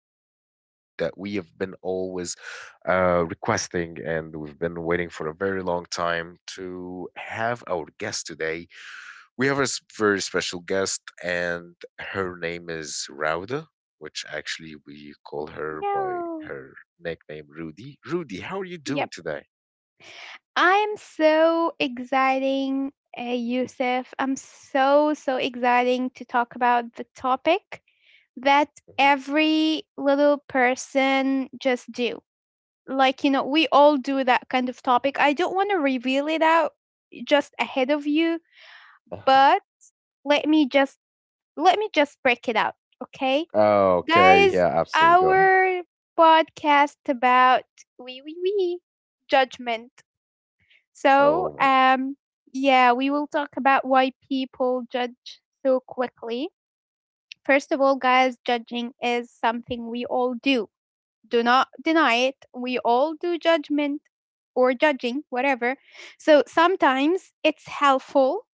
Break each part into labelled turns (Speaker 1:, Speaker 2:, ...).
Speaker 1: new episode that we have been always requesting and we've been waiting for a very long time to have our guest today. We have a very special guest, and her name is Rauda, which actually we call her by
Speaker 2: Yo.
Speaker 1: her nickname Rudy. Rudy, how are you
Speaker 2: Yep.
Speaker 1: doing today?
Speaker 2: I'm so exciting, Yusuf. I'm so, so exciting to talk about the topic that every little person just do. Like, you know, we all do that kind of topic. I don't want to reveal it out just ahead of you,
Speaker 1: Mhm.
Speaker 2: but let me just let me just break it out, okay?
Speaker 1: Oh, Okay, yeah,
Speaker 2: Guys,
Speaker 1: absolutely. Go ahead.
Speaker 2: our podcast about we judgment. So,
Speaker 1: Oh my,
Speaker 2: um, yeah, we will talk about why people judge so quickly. First of all, guys, judging is something we all do. Do not deny it. We all do judgment or judging, whatever. So sometimes it's helpful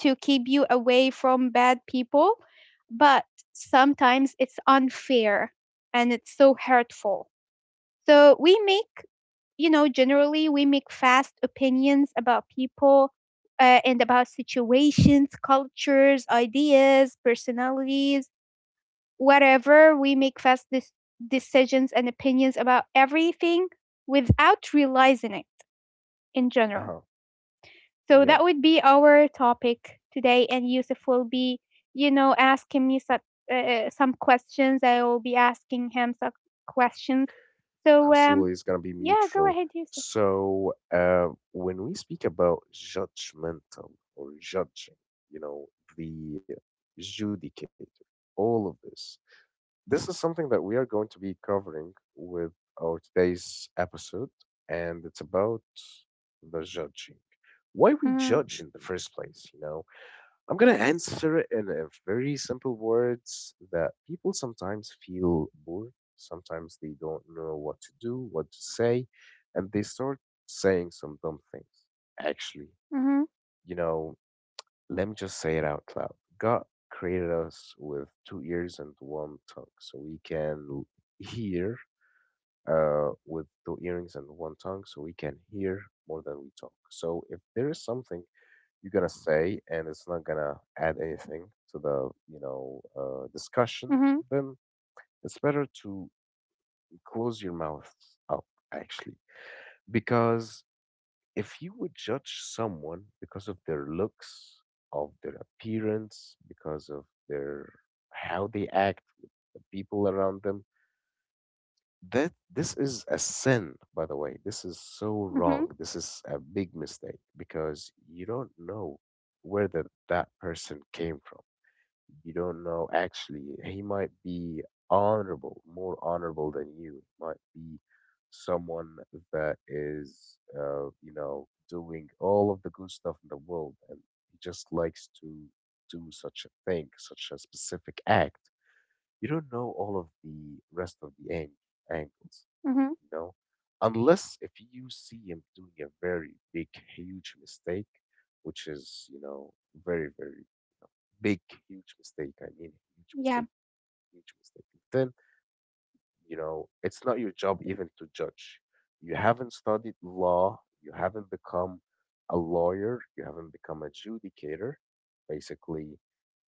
Speaker 2: to keep you away from bad people, but sometimes it's unfair and it's so hurtful. So we make, you know, generally we make fast opinions about people, and about situations, cultures, ideas, personalities, whatever. We make decisions and opinions about everything without realizing it in general.
Speaker 1: uh
Speaker 2: So
Speaker 1: yeah,
Speaker 2: that would be our topic today, and Yusuf will be, you know, asking me some, some questions. I will be asking him some questions. So um,
Speaker 1: absolutely. It's gonna be
Speaker 2: yeah, go
Speaker 1: mutual.
Speaker 2: ahead, Yusuf.
Speaker 1: So, when we speak about judgmental or judging, you know, the judicator, all of this, this is something that we are going to be covering with our today's episode, and it's about the judging. Why we
Speaker 2: Mm-hmm.
Speaker 1: judge in the first place, you know? I'm going to answer it in a very simple words that people sometimes feel bored. Sometimes they don't know what to do, what to say, and they start saying some dumb things. Actually,
Speaker 2: Mm-hmm.
Speaker 1: you know, let me just say it out loud. God created us with two ears and one tongue, so we can hear with two earrings and one tongue, so we can hear more than we talk. So if there is something you're gonna say and it's not gonna add anything to the discussion,
Speaker 2: Mhm,
Speaker 1: then it's better to close your mouth up actually, because if you would judge someone because of their looks, of their appearance, because of their how they act with the people around them, that this is a sin, by the way. This is so
Speaker 2: mhm,
Speaker 1: wrong, this is a big mistake, because you don't know where that person came from. You don't know. Actually, he might be honorable, more honorable than you. He might be someone that is, you know, doing all of the good stuff in the world, and he just likes to do such a thing, such a specific act. You don't know all of the rest of the angles,
Speaker 2: mhm.
Speaker 1: you know, unless if you see him doing a very big, huge mistake, which is, you know, very, very Big, huge mistake. I mean, huge
Speaker 2: Yeah,
Speaker 1: mistake, huge mistake. Then, you know, it's not your job even to judge. You haven't studied law, you haven't become a lawyer, you haven't become a adjudicator, basically.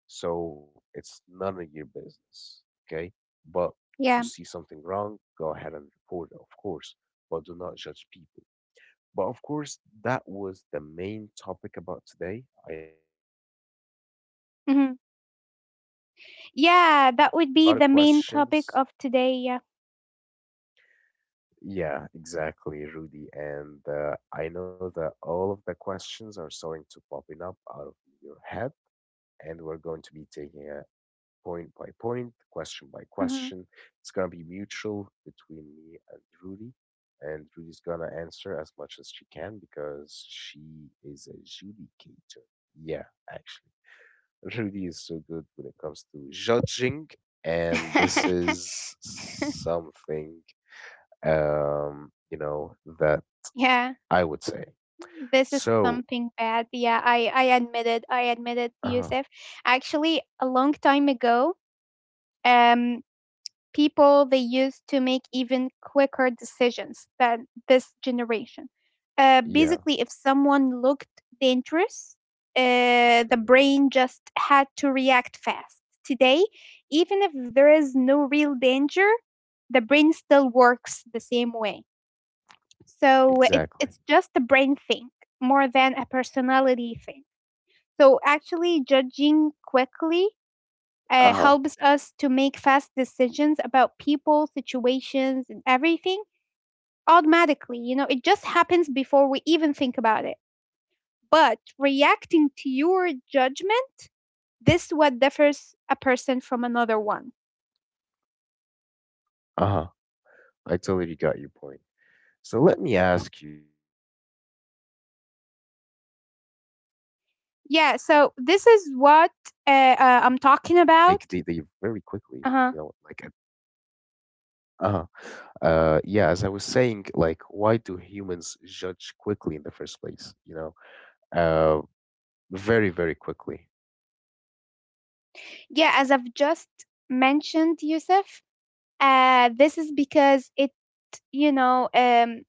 Speaker 1: So it's none of your business, okay? But if you
Speaker 2: yeah.
Speaker 1: see something wrong, go ahead and report it, of course, but do not judge people. But of course, that was the main topic about today. I know that y'all excited and y'all
Speaker 2: Mhm.
Speaker 1: actually having doubts
Speaker 2: Yeah, that
Speaker 1: and
Speaker 2: would
Speaker 1: a
Speaker 2: be
Speaker 1: lot of
Speaker 2: the main topic
Speaker 1: questions.
Speaker 2: of today. Yeah.
Speaker 1: Yeah, exactly, Rudy. And I know that all of the questions are starting to popping up out of your head, and we're going to be taking a point by point, question by
Speaker 2: Mhm.
Speaker 1: question. It's gonna be mutual between me and Rudy, and Rudy's gonna answer as much as she can because she is a judicator. Yeah, actually, Rudy is so good when it comes to judging, and this is something you know that
Speaker 2: yeah.
Speaker 1: I would say.
Speaker 2: This is
Speaker 1: So,
Speaker 2: something bad. Yeah, I admitted. I admitted,
Speaker 1: uh huh,
Speaker 2: Yusuf. Actually, a long time ago, um people they used to make even quicker decisions than this generation.
Speaker 1: yeah,
Speaker 2: Basically, if someone looked dangerous, the
Speaker 1: mhm,
Speaker 2: brain just had to react fast. Today, even if there is no real danger, the brain still works the same way. So
Speaker 1: exactly.
Speaker 2: it's just a brain thing more than a personality thing. So actually, judging quickly
Speaker 1: Uh huh,
Speaker 2: helps us to make fast decisions about people, situations, and everything automatically. You know, it just happens before we even think about it. But reacting to your judgment, this what differs a person from another one.
Speaker 1: uh huh. I totally got your point. So let me ask you, why do humans judge quickly in the first place?
Speaker 2: Yeah, so this
Speaker 1: Like
Speaker 2: is
Speaker 1: they
Speaker 2: what uh,
Speaker 1: very
Speaker 2: I'm
Speaker 1: quickly,
Speaker 2: talking
Speaker 1: you know,
Speaker 2: about. Uh-huh.
Speaker 1: uh yeah, as I was saying, like why do humans judge quickly in the first place, you know? Uh very, very quickly.
Speaker 2: Yeah, as I've just mentioned, Yusuf, this is because you know,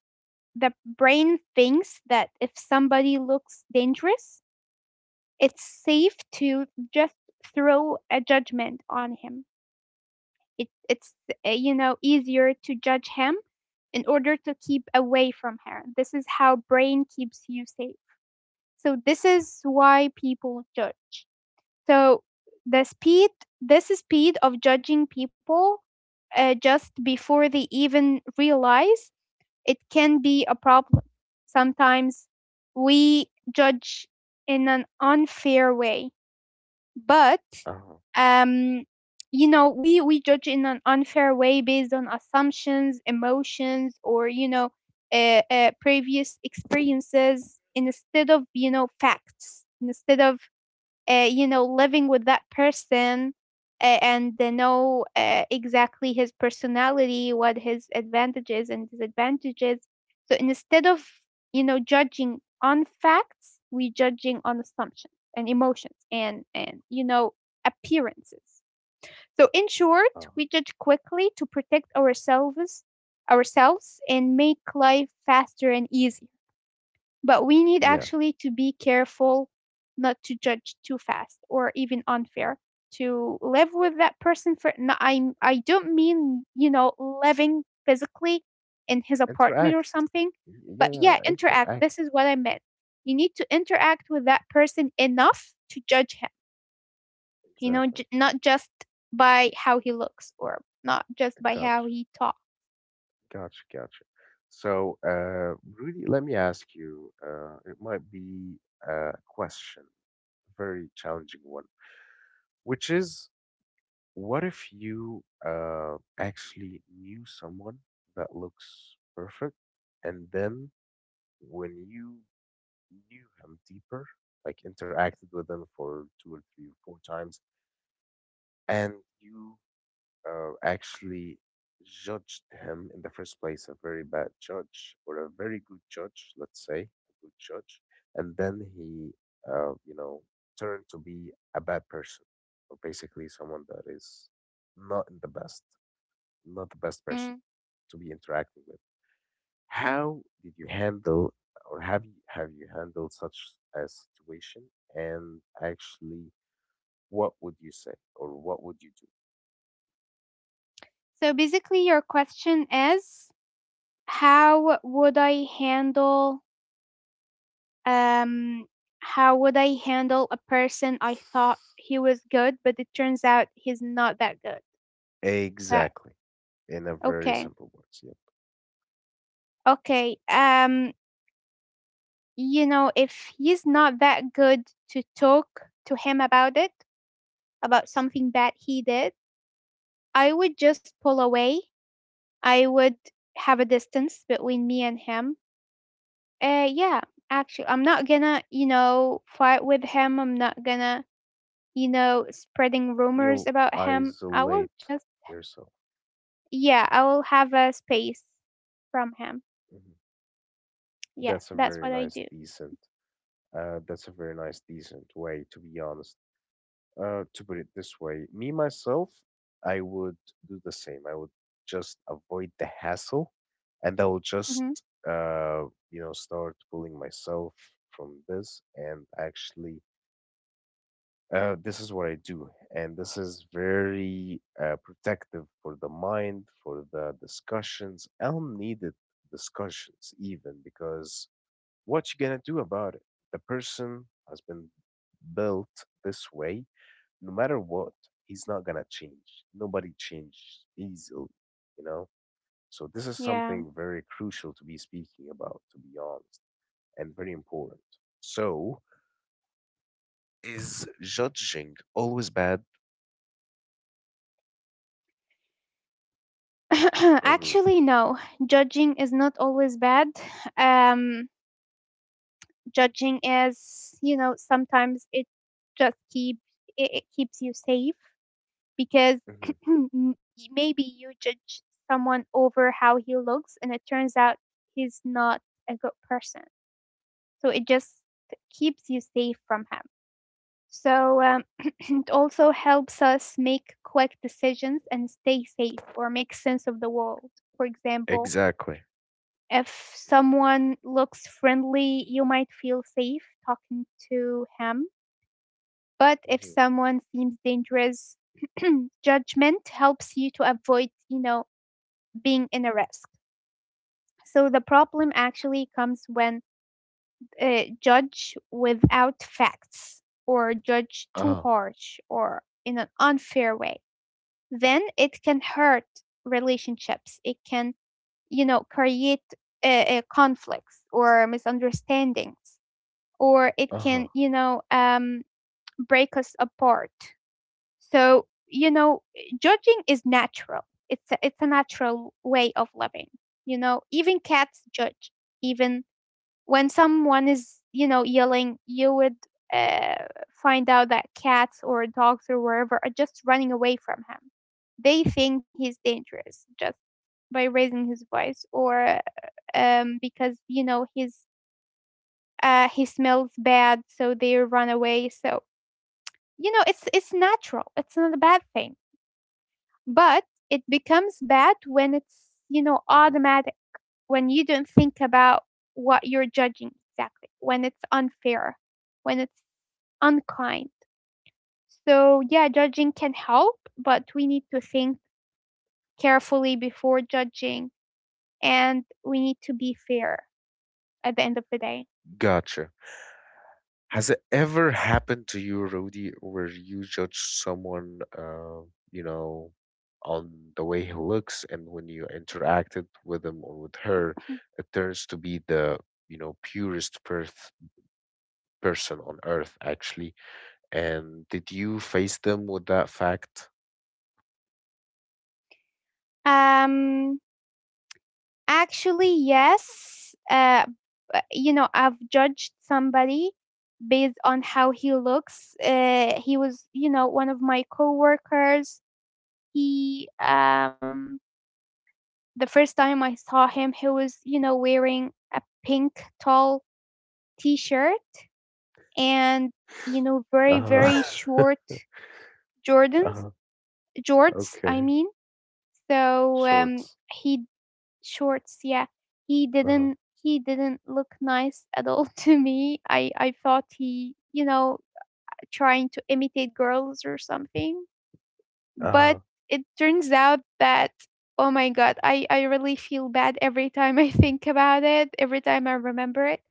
Speaker 2: the brain thinks that if somebody looks dangerous, it's safe to just throw a judgment on him. It's, you know, easier to judge him in order to keep away from her. This is how brain keeps you safe. So this is why people judge. So the speed, this speed of judging people, just before they even realize, it can be a problem. Sometimes we judge in an unfair way, but
Speaker 1: Uh-huh.
Speaker 2: um you know, we judge in an unfair way based on assumptions, emotions, or, you know, previous experiences instead of, you know, facts, instead of, you know, living with that person, and they know, exactly his personality, what his advantages and disadvantages. So instead of, you know, judging on facts, we judging on assumptions and emotions and you know, appearances. So in short,
Speaker 1: Uh,
Speaker 2: we judge quickly to protect ourselves, ourselves, and make life faster and easier. But we need
Speaker 1: yeah.
Speaker 2: actually to be careful not to judge too fast or even unfair. To live with that person for no, I don't mean, you know, living physically in his apartment
Speaker 1: Interact.
Speaker 2: or something,
Speaker 1: Yeah,
Speaker 2: but yeah,
Speaker 1: yeah,
Speaker 2: interact.
Speaker 1: interact.
Speaker 2: This is what I meant. You need to interact with that person enough to judge him. You know,
Speaker 1: Exactly.
Speaker 2: not just by how he looks or not just by how
Speaker 1: Gotcha.
Speaker 2: he talks.
Speaker 1: Gotcha, gotcha. So, Rudy, let me ask you, it might be a question, a very challenging one, which is, what if you actually knew someone that looks perfect, and then when you knew him deeper, like interacted with him for two or three or four times, and you actually judged him in the first place, a very bad judge or a very good judge, let's say, a good judge, and then he, you know, turned to be a bad person, or basically someone that is not in the best, not the best person
Speaker 2: Mm.
Speaker 1: to be interacting with. How did you handle, or have you handled such a situation? And actually, what would you say, or what would you do?
Speaker 2: So basically, your question is how would I handle, Um, how would I handle a person I thought he was good, but it turns out he's not that good? That
Speaker 1: Exactly. In a very
Speaker 2: okay,
Speaker 1: simple words. Yep.
Speaker 2: okay. You know, if he's not that good to talk to him about it, about something bad he did, I would just pull away. I would have a distance between me and him. Yeah, actually, I'm not gonna, you know, fight with him. I'm not gonna, you know, spreading rumors
Speaker 1: You
Speaker 2: about him. I will
Speaker 1: isolate
Speaker 2: just.
Speaker 1: yourself.
Speaker 2: Yeah, I will have a space from him.
Speaker 1: Mhm. That's a
Speaker 2: Yes, that's
Speaker 1: very
Speaker 2: what I
Speaker 1: nice,
Speaker 2: do.
Speaker 1: decent. That's a very nice, decent way to be honest. To put it this way, me myself, I would do the same. I would just avoid the hassle, and I will just,
Speaker 2: Hmm.
Speaker 1: you know, start pulling myself from this and actually this is what I do, and this is very protective for the mind, for the discussions, unneeded discussions, even because what you gonna do about it? The person has been built this way. No matter what, he's not gonna change. Nobody changes easily, you know. So this is
Speaker 2: Yeah.
Speaker 1: something very crucial to be speaking about, to be honest, and very important. So, is judging always bad, Rudy?
Speaker 2: Actually, no. Judging is not always bad. Um, judging is, you know, sometimes it just keep, it keeps you safe because maybe you judge someone over how he looks, and it turns out he's not a good person. So it just keeps you safe from him. So it also helps us make quick decisions and stay safe or make sense of the world. For example,
Speaker 1: Exactly.
Speaker 2: if someone looks friendly, you might feel safe talking to him. But if
Speaker 1: Mhm.
Speaker 2: someone seems dangerous, judgment helps you to avoid, you know, being in a risk. So the problem actually comes when, judge without facts or judge too
Speaker 1: Uh-huh.
Speaker 2: harsh or in an unfair way. Then it can hurt relationships. It can, you know, create, conflicts or misunderstandings, or it
Speaker 1: Uh-huh.
Speaker 2: can, you know, break us apart. So, you know, judging is natural. It's a natural way of living. You know, even cats judge, even when someone is, you know, yelling, you would, uh, find out that cats or dogs or wherever are just running away from him. They think he's dangerous just by raising his voice or, because, you know, he smells bad, so they run away. So, you know, it's natural, it's not a bad thing, but it becomes bad when it's, you know,
Speaker 1: Mhm.
Speaker 2: automatic, when you don't think about what you're judging exactly, when it's unfair, when it's unkind. So, yeah, judging can help, but we need to think carefully before judging and we need to be fair at the end of the day.
Speaker 1: Gotcha. Has it ever happened to you, Rudy, where you judge someone, you know, on the way he looks, and when you interacted with him or with her, it turns to be the, you know, purest perth person on earth, actually. And did you face them with that fact?
Speaker 2: Um, Actually, yes. You know, I've judged somebody based on how he looks. He was, you know, one of my coworkers. He, the first time I saw him, he was, you know, wearing a pink tall t-shirt and, you know, very,
Speaker 1: Uh-huh.
Speaker 2: very short Jordans,
Speaker 1: uh-huh.
Speaker 2: jorts, I
Speaker 1: Okay.
Speaker 2: mean. So,
Speaker 1: Shorts.
Speaker 2: he shorts, yeah.
Speaker 1: Uh-huh.
Speaker 2: He didn't look nice at all to me. I thought he, you know, trying to imitate girls or something. But
Speaker 1: Uh-huh.
Speaker 2: it turns out that oh my god, I really feel bad every time I think about it, every time I remember it.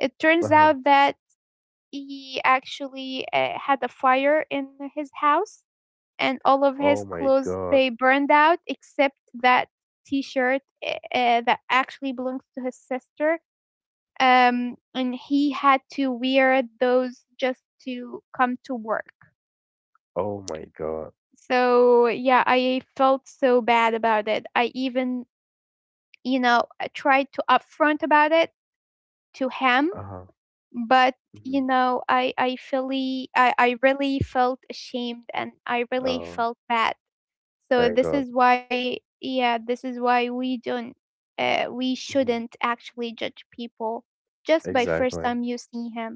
Speaker 2: It turns
Speaker 1: Uh-huh.
Speaker 2: out that he actually, had a fire in his house and all of his
Speaker 1: Oh my
Speaker 2: clothes
Speaker 1: God.
Speaker 2: they burned out except that t-shirt, that actually belongs to his sister, um, and he had to wear those just to come to work.
Speaker 1: Oh my god.
Speaker 2: So yeah, I felt so bad about it. I even, you know, I tried to upfront about it to him,
Speaker 1: Uh-huh.
Speaker 2: but you
Speaker 1: Mhm.
Speaker 2: know, I really I really felt ashamed and I really
Speaker 1: Oh,
Speaker 2: felt bad. So
Speaker 1: thank
Speaker 2: this
Speaker 1: God.
Speaker 2: is why, yeah, this is why we don't, we
Speaker 1: Mhm.
Speaker 2: shouldn't actually judge people just by first
Speaker 1: Exactly.
Speaker 2: time you see him,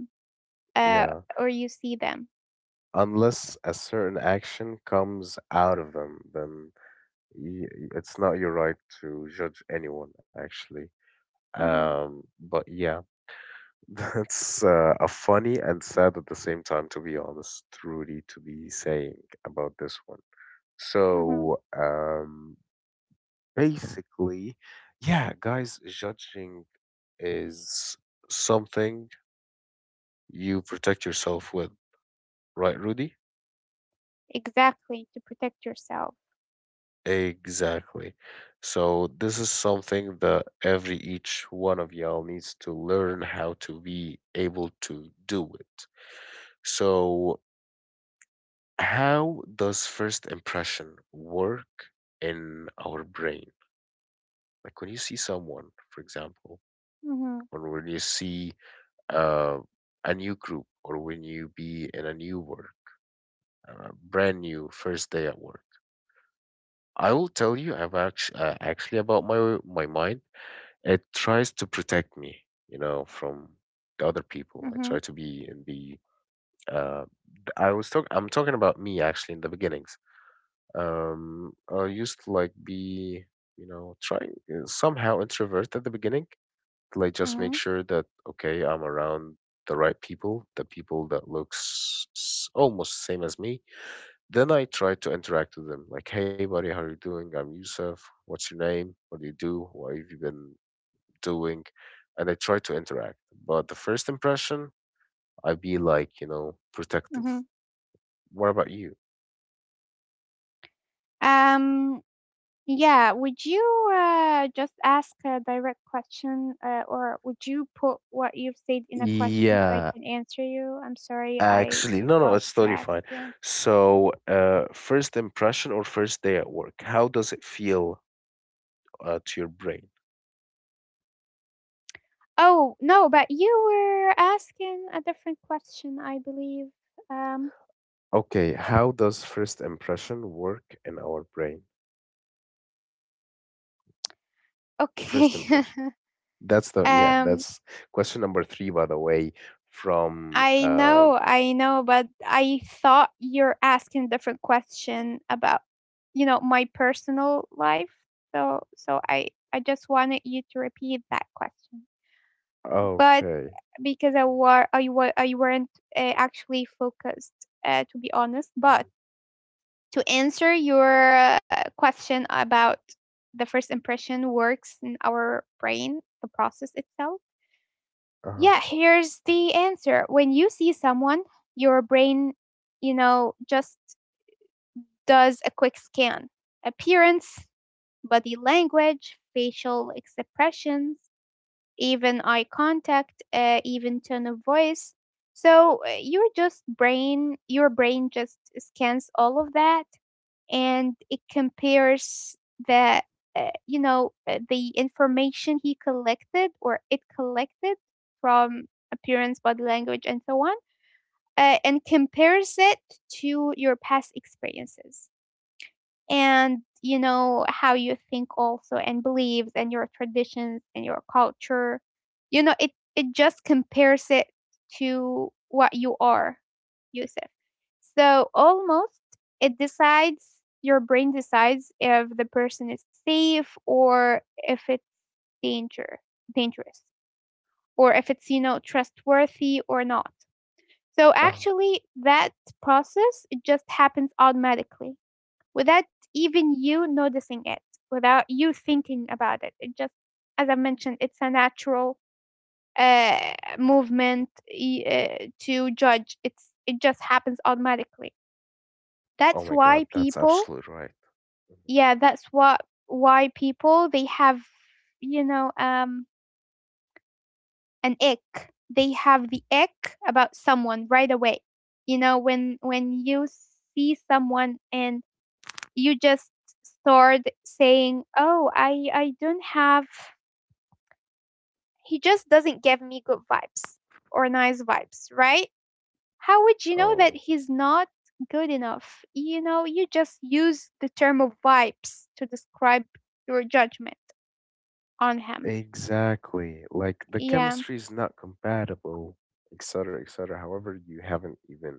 Speaker 2: uh,
Speaker 1: Yeah.
Speaker 2: or you see them.
Speaker 1: Unless a certain action comes out of them, then it's not your right to judge anyone, actually.
Speaker 2: Mm-hmm,
Speaker 1: But yeah, that's a funny and sad at the same time, to be honest, Rudy, to be saying about this one.
Speaker 2: mm-hmm.
Speaker 1: So, basically, yeah, guys, judging is something you protect yourself with, right, Rudy?
Speaker 2: Exactly to protect yourself.
Speaker 1: Exactly. So this is something that every each one of y'all needs to learn how to be able to do it. So how does first impression work in our brain? Like when you see someone, for example,
Speaker 2: Mm-hmm,
Speaker 1: or when you see uh, a new group, or when you be in a new work, brand new first day at work I will tell you about actually about my mind. It tries to protect me, you know, from the other people. I
Speaker 2: mm-hmm,
Speaker 1: try to be in the. Uh, I was talking. I'm talking about me actually in the beginnings. I used to like be, you know, trying somehow introvert at the beginning. Like just make
Speaker 2: mm-hmm,
Speaker 1: sure that okay, I'm around the right people, the people that looks almost same as me, then I try to interact with them, like, "Hey, buddy, how are you doing? I'm Yusuf. What's your name? What do you do? What have you been doing?" And I try to interact. But the first impression, I be like, you know, protective.
Speaker 2: mm-hmm.
Speaker 1: What about you?
Speaker 2: Um, yeah. Would you, just ask a direct question, or would you put what you've said in a question so I
Speaker 1: Yeah,
Speaker 2: can answer you? I'm sorry, I
Speaker 1: actually,
Speaker 2: just
Speaker 1: no, no,
Speaker 2: lost
Speaker 1: it's totally
Speaker 2: track.
Speaker 1: fine.
Speaker 2: Yeah.
Speaker 1: So, first impression or first day at work, how does it feel to your brain?
Speaker 2: Oh, no, but you were asking a different question, I believe. Um,
Speaker 1: Okay, how does first impression work in our brain? First
Speaker 2: okay.
Speaker 1: impression. That's the yeah,
Speaker 2: Um,
Speaker 1: that's question number three, by the way, from
Speaker 2: I know, but I thought you're asking a different question about, you know, my personal life. So, so I, I just wanted you to repeat that question. But
Speaker 1: okay.
Speaker 2: because I weren't, actually focused, to be honest. But
Speaker 1: Mhm.
Speaker 2: to answer your, question about the first impression works in our brain, the process itself.
Speaker 1: Uh-huh.
Speaker 2: Yeah, here's the answer. When you see someone, your brain, you know, just does a quick scan: appearance, body language, facial expressions, even eye contact, even tone of voice. So your brain just scans all of that and it compares the, you know, the information he collected or it collected from appearance, body language, and so on, and compares it to your past experiences and, you know, how you think also, and beliefs and your traditions and your culture. You know, it just compares it to what you are, Yusuf. So almost it decides, your brain decides if the person is safe or if it's danger dangerous, or if it's, you know, trustworthy or not. So
Speaker 1: Uh-huh.
Speaker 2: actually that process, it just happens automatically without even you noticing it, without you thinking about it. It just, as I mentioned, it's a natural uh, movement y- to judge. It just happens automatically.
Speaker 1: Oh
Speaker 2: That's
Speaker 1: my God,
Speaker 2: why
Speaker 1: that's
Speaker 2: people,
Speaker 1: absolutely right.
Speaker 2: yeah, that's what why people they have, you know, an ick. They have the ick about someone right away. You know, when you see someone and you just start saying, "Oh, I don't have, he just doesn't give me good vibes or nice vibes," right? How would you know that
Speaker 1: Oh,
Speaker 2: he's not good enough? You know, you just use the term of vibes to describe your judgment on him.
Speaker 1: exactly. Like the
Speaker 2: Yeah,
Speaker 1: chemistry is not compatible, et cetera, et cetera. However, you haven't even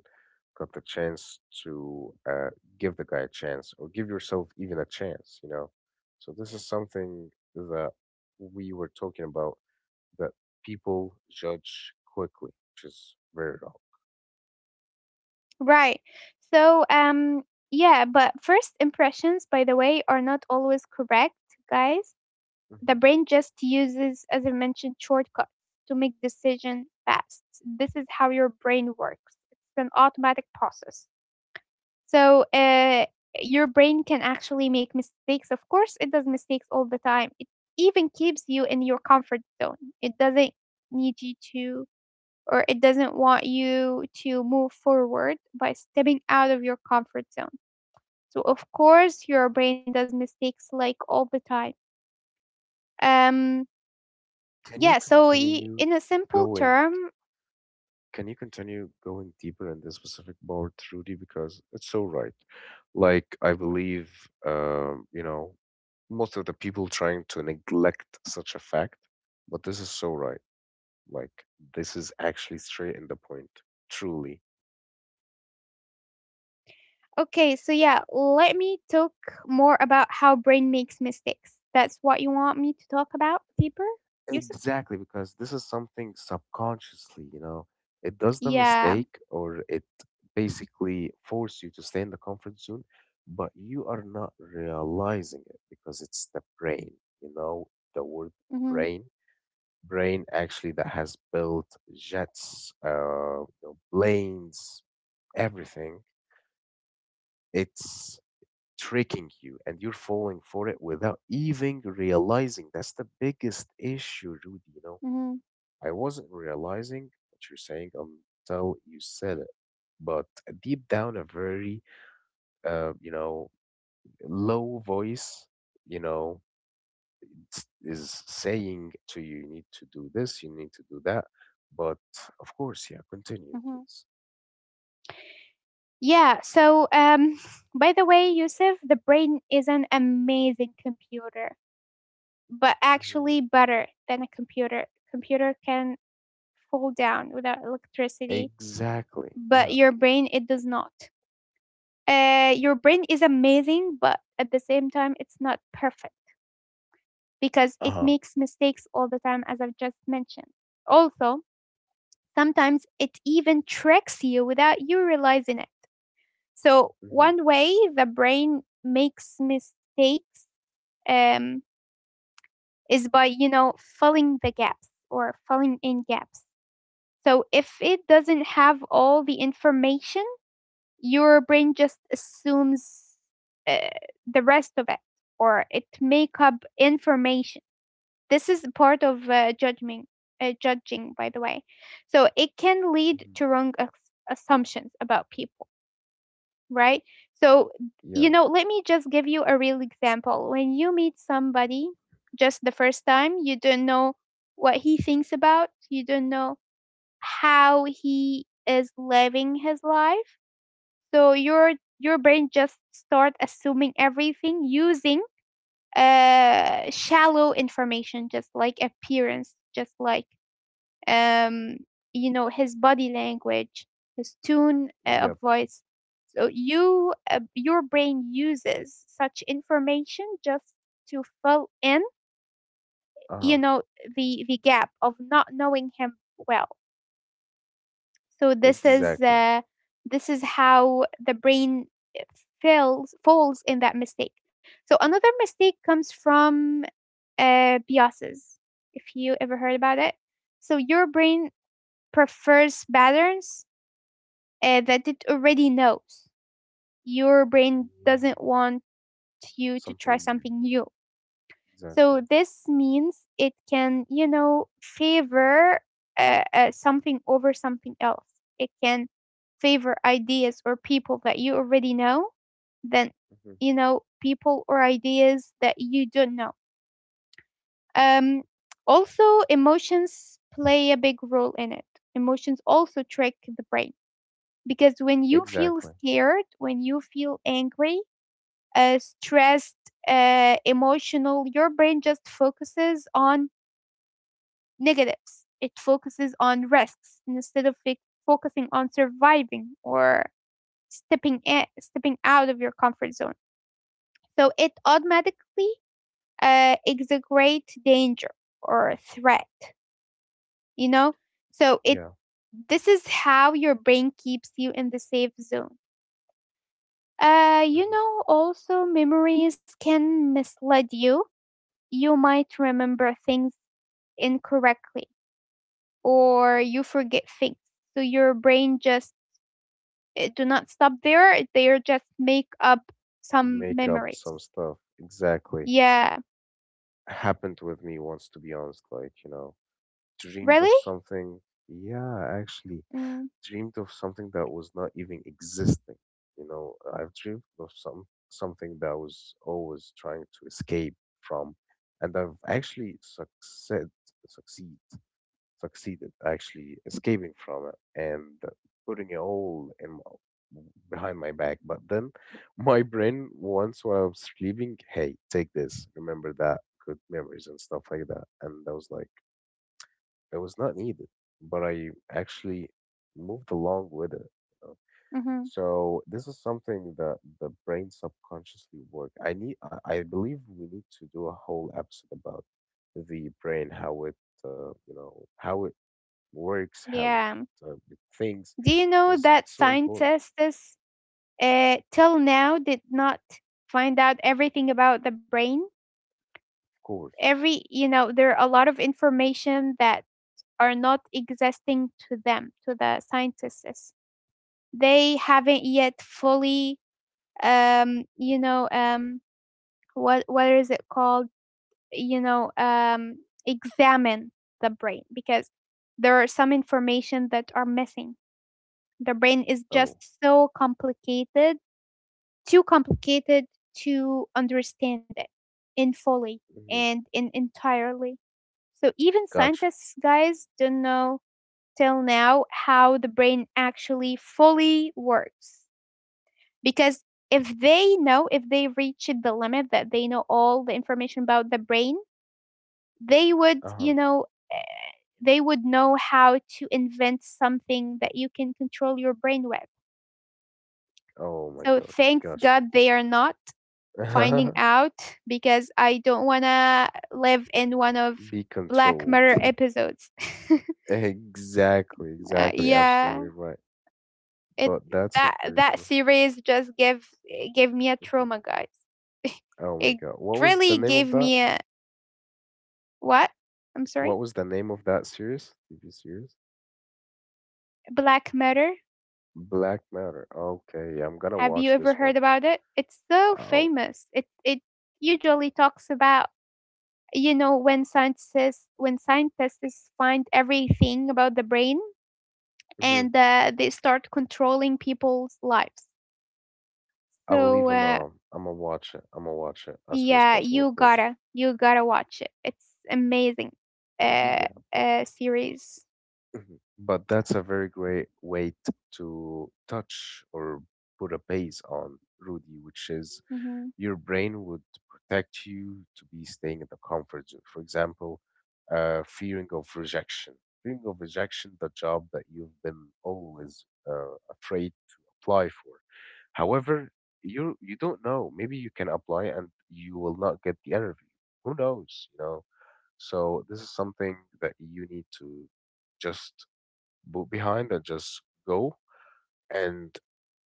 Speaker 1: got the chance to give the guy a chance or give yourself even a chance, you know. So this is something that we were talking about, that people judge quickly, which is very wrong.
Speaker 2: right. So, yeah, but first impressions by the way are not always correct, guys. The
Speaker 1: Hmm.
Speaker 2: brain just uses, as I mentioned, shortcuts to make decisions fast. This is how your brain works. It's an automatic process. So, your brain can actually make mistakes. Of course, it does mistakes all the time. It even keeps you in your comfort zone. It doesn't need you to, or it doesn't want you to move forward by stepping out of your comfort zone. So of course your brain does mistakes like all the time. Um
Speaker 1: Can
Speaker 2: Yeah,
Speaker 1: you
Speaker 2: so
Speaker 1: continue
Speaker 2: in a simple
Speaker 1: going?
Speaker 2: term,
Speaker 1: Can you continue going deeper in this specific board, Rudy? Because it's so right. Like I believe, you know, most of the people trying to neglect such a fact, but this is so right. Like, this is actually straight in the point, truly.
Speaker 2: okay, so yeah, let me talk more about how brain makes mistakes. That's what you want me to talk about deeper, Yusuf?
Speaker 1: Exactly, because this is something subconsciously, you know, it does the
Speaker 2: Yeah.
Speaker 1: mistake or it basically force you to stay in the comfort zone, but you are not realizing it because it's the brain, you know, the word
Speaker 2: Hmm.
Speaker 1: brain, brain actually that has built jets, you know, planes, everything. It's tricking you and you're falling for it without even realizing. That's the biggest issue, Rudy. You know,
Speaker 2: Hmm.
Speaker 1: I wasn't realizing what you're saying until you said it. But deep down, a very, you know, low voice, you know, is saying to you, you need to do this, you need to do that. But of course, yeah, continue,
Speaker 2: Hmm.
Speaker 1: please.
Speaker 2: Yeah, by the way, Yusuf, the brain is an amazing computer, but
Speaker 1: Hmm.
Speaker 2: actually better than a computer. Computer can fall down without electricity,
Speaker 1: Exactly.
Speaker 2: but
Speaker 1: Yeah.
Speaker 2: your brain it does not. Your brain is amazing, but at the same time, it's not perfect because
Speaker 1: Uh
Speaker 2: it
Speaker 1: huh.
Speaker 2: makes mistakes all the time, as I've just mentioned. Also, sometimes it even tricks you without you realizing it. So,
Speaker 1: Hmm.
Speaker 2: one way the brain makes mistakes um, is by, you know, filling the gaps or filling in gaps. So, if it doesn't have all the information, your brain just assumes uh, the rest of it, or it make up information. This is part of judging by the way, so it can
Speaker 1: Hmm.
Speaker 2: lead to wrong assumptions about people, right? So,
Speaker 1: Yeah.
Speaker 2: you know, let me just give you a real example. When you meet somebody just the first time, you don't know what he thinks about, you don't know how he is living his life. So your brain just start assuming everything using shallow information, just like appearance, just like um you know, his body language, his tone of
Speaker 1: Yep.
Speaker 2: voice. So your brain uses such information just to fill in,
Speaker 1: Uh
Speaker 2: you
Speaker 1: huh.
Speaker 2: know, the gap of not knowing him well. So this is
Speaker 1: Exactly.
Speaker 2: how the brain eh, fails falls in that mistake. So another mistake comes from biases. If you ever heard about it, so your brain prefers patterns that it already knows. Your brain
Speaker 1: Yeah.
Speaker 2: doesn't want you to try
Speaker 1: Something new.
Speaker 2: something new. So
Speaker 1: Exactly.
Speaker 2: this means it can, you know, favor something over something else. It can favor ideas or people that you already know than,
Speaker 1: Hmm.
Speaker 2: you know, people or ideas that you don't know.
Speaker 1: Hmm.
Speaker 2: Um, Also, emotions play a big role in it. Emotions also trick the brain, because when you feel
Speaker 1: Exactly.
Speaker 2: scared, when you feel angry, stressed, emotional, your brain just focuses on negatives. It focuses on risks instead of focusing on surviving or stepping out of your comfort zone. So it automatically exaggerate danger or threat. You know, so it,
Speaker 1: Yeah.
Speaker 2: this is how your brain keeps you in the safe zone. You
Speaker 1: Hmm.
Speaker 2: know, also memories can mislead you. You might remember things incorrectly or you forget things. So your brain just, uh, do not stop there. They are just make up some
Speaker 1: Make up
Speaker 2: memories.
Speaker 1: some stuff. Exactly.
Speaker 2: Yeah.
Speaker 1: Happened with me once, to be honest. Like, you know, dreamed of
Speaker 2: Really?
Speaker 1: something. Yeah, actually,
Speaker 2: Mm.
Speaker 1: dreamed of something that was not even existing. You know, I've dreamed of some something that I was always trying to escape from, and I've actually succeed succeeded actually escaping from it and putting it all in my, behind my back. But then my brain once while I was sleeping, hey, take this, remember that, good memories and stuff like that. And I was like, it was not needed, but I actually moved along with it. you know.
Speaker 2: Hmm.
Speaker 1: So this is something that the brain subconsciously work. I believe we need to do a whole episode about the brain, how it, how it works, how it,
Speaker 2: Yeah.
Speaker 1: uh, it thinks,
Speaker 2: Do you know
Speaker 1: because
Speaker 2: that
Speaker 1: it's so important,
Speaker 2: scientists till now did not find out everything about the brain?
Speaker 1: of course.
Speaker 2: Every, you know, there are a lot of information that are not existing to them, to the scientists. They haven't yet fully, um, you know, um, what is it called? you know um, Examine the brain, because there are some information that are missing. The brain is
Speaker 1: Oh,
Speaker 2: just so complicated, too complicated to understand it in fully
Speaker 1: hmm
Speaker 2: and in entirely. So even
Speaker 1: gotcha.
Speaker 2: scientists, guys, don't know till now how the brain actually fully works, because if they know, if they reached the limit that they know all the information about the brain, they would,
Speaker 1: Uh huh.
Speaker 2: you know, they would know how to invent something that you can control your brain with.
Speaker 1: Oh my
Speaker 2: So
Speaker 1: God,
Speaker 2: thanks
Speaker 1: gotcha.
Speaker 2: God they are not finding out, because I don't want to live in one of
Speaker 1: Be
Speaker 2: Black
Speaker 1: controlled.
Speaker 2: Mirror episodes.
Speaker 1: Exactly, exactly,
Speaker 2: Yeah,
Speaker 1: absolutely right.
Speaker 2: it
Speaker 1: But that's a
Speaker 2: that
Speaker 1: very
Speaker 2: that
Speaker 1: cool.
Speaker 2: series just gave me a
Speaker 1: Mhm.
Speaker 2: trauma, guys.
Speaker 1: Oh my
Speaker 2: It
Speaker 1: God, what was the
Speaker 2: really
Speaker 1: name of
Speaker 2: gave
Speaker 1: that?
Speaker 2: me a, what? I'm sorry.
Speaker 1: What was the name of that series? TV series?
Speaker 2: Black Mirror.
Speaker 1: Black Matter. Okay, yeah, I'm gonna
Speaker 2: Have you
Speaker 1: watch
Speaker 2: ever
Speaker 1: this one.
Speaker 2: heard about it? It's so
Speaker 1: Oh,
Speaker 2: famous. It usually talks about, you know, when scientists find everything about the brain and
Speaker 1: hmm
Speaker 2: they start controlling people's lives.
Speaker 1: I believe
Speaker 2: so
Speaker 1: I'm
Speaker 2: uh,
Speaker 1: um I'm gonna watch it. I'm gonna watch it as soon as
Speaker 2: yeah,
Speaker 1: possible, of
Speaker 2: you
Speaker 1: course.
Speaker 2: gotta, you gotta watch it. It's amazing, uh, series.
Speaker 1: Mhm. But that's a very great way to touch or put a base on, Rudy, which is
Speaker 2: Hmm.
Speaker 1: your brain would protect you to be staying in the comfort zone. For example, fearing of rejection. Fearing of rejection, the job that you've been always afraid to apply for. However, you don't know. Maybe you can apply and you will not get the interview. Who knows? You know. So this is something that you need to just boot behind and just go and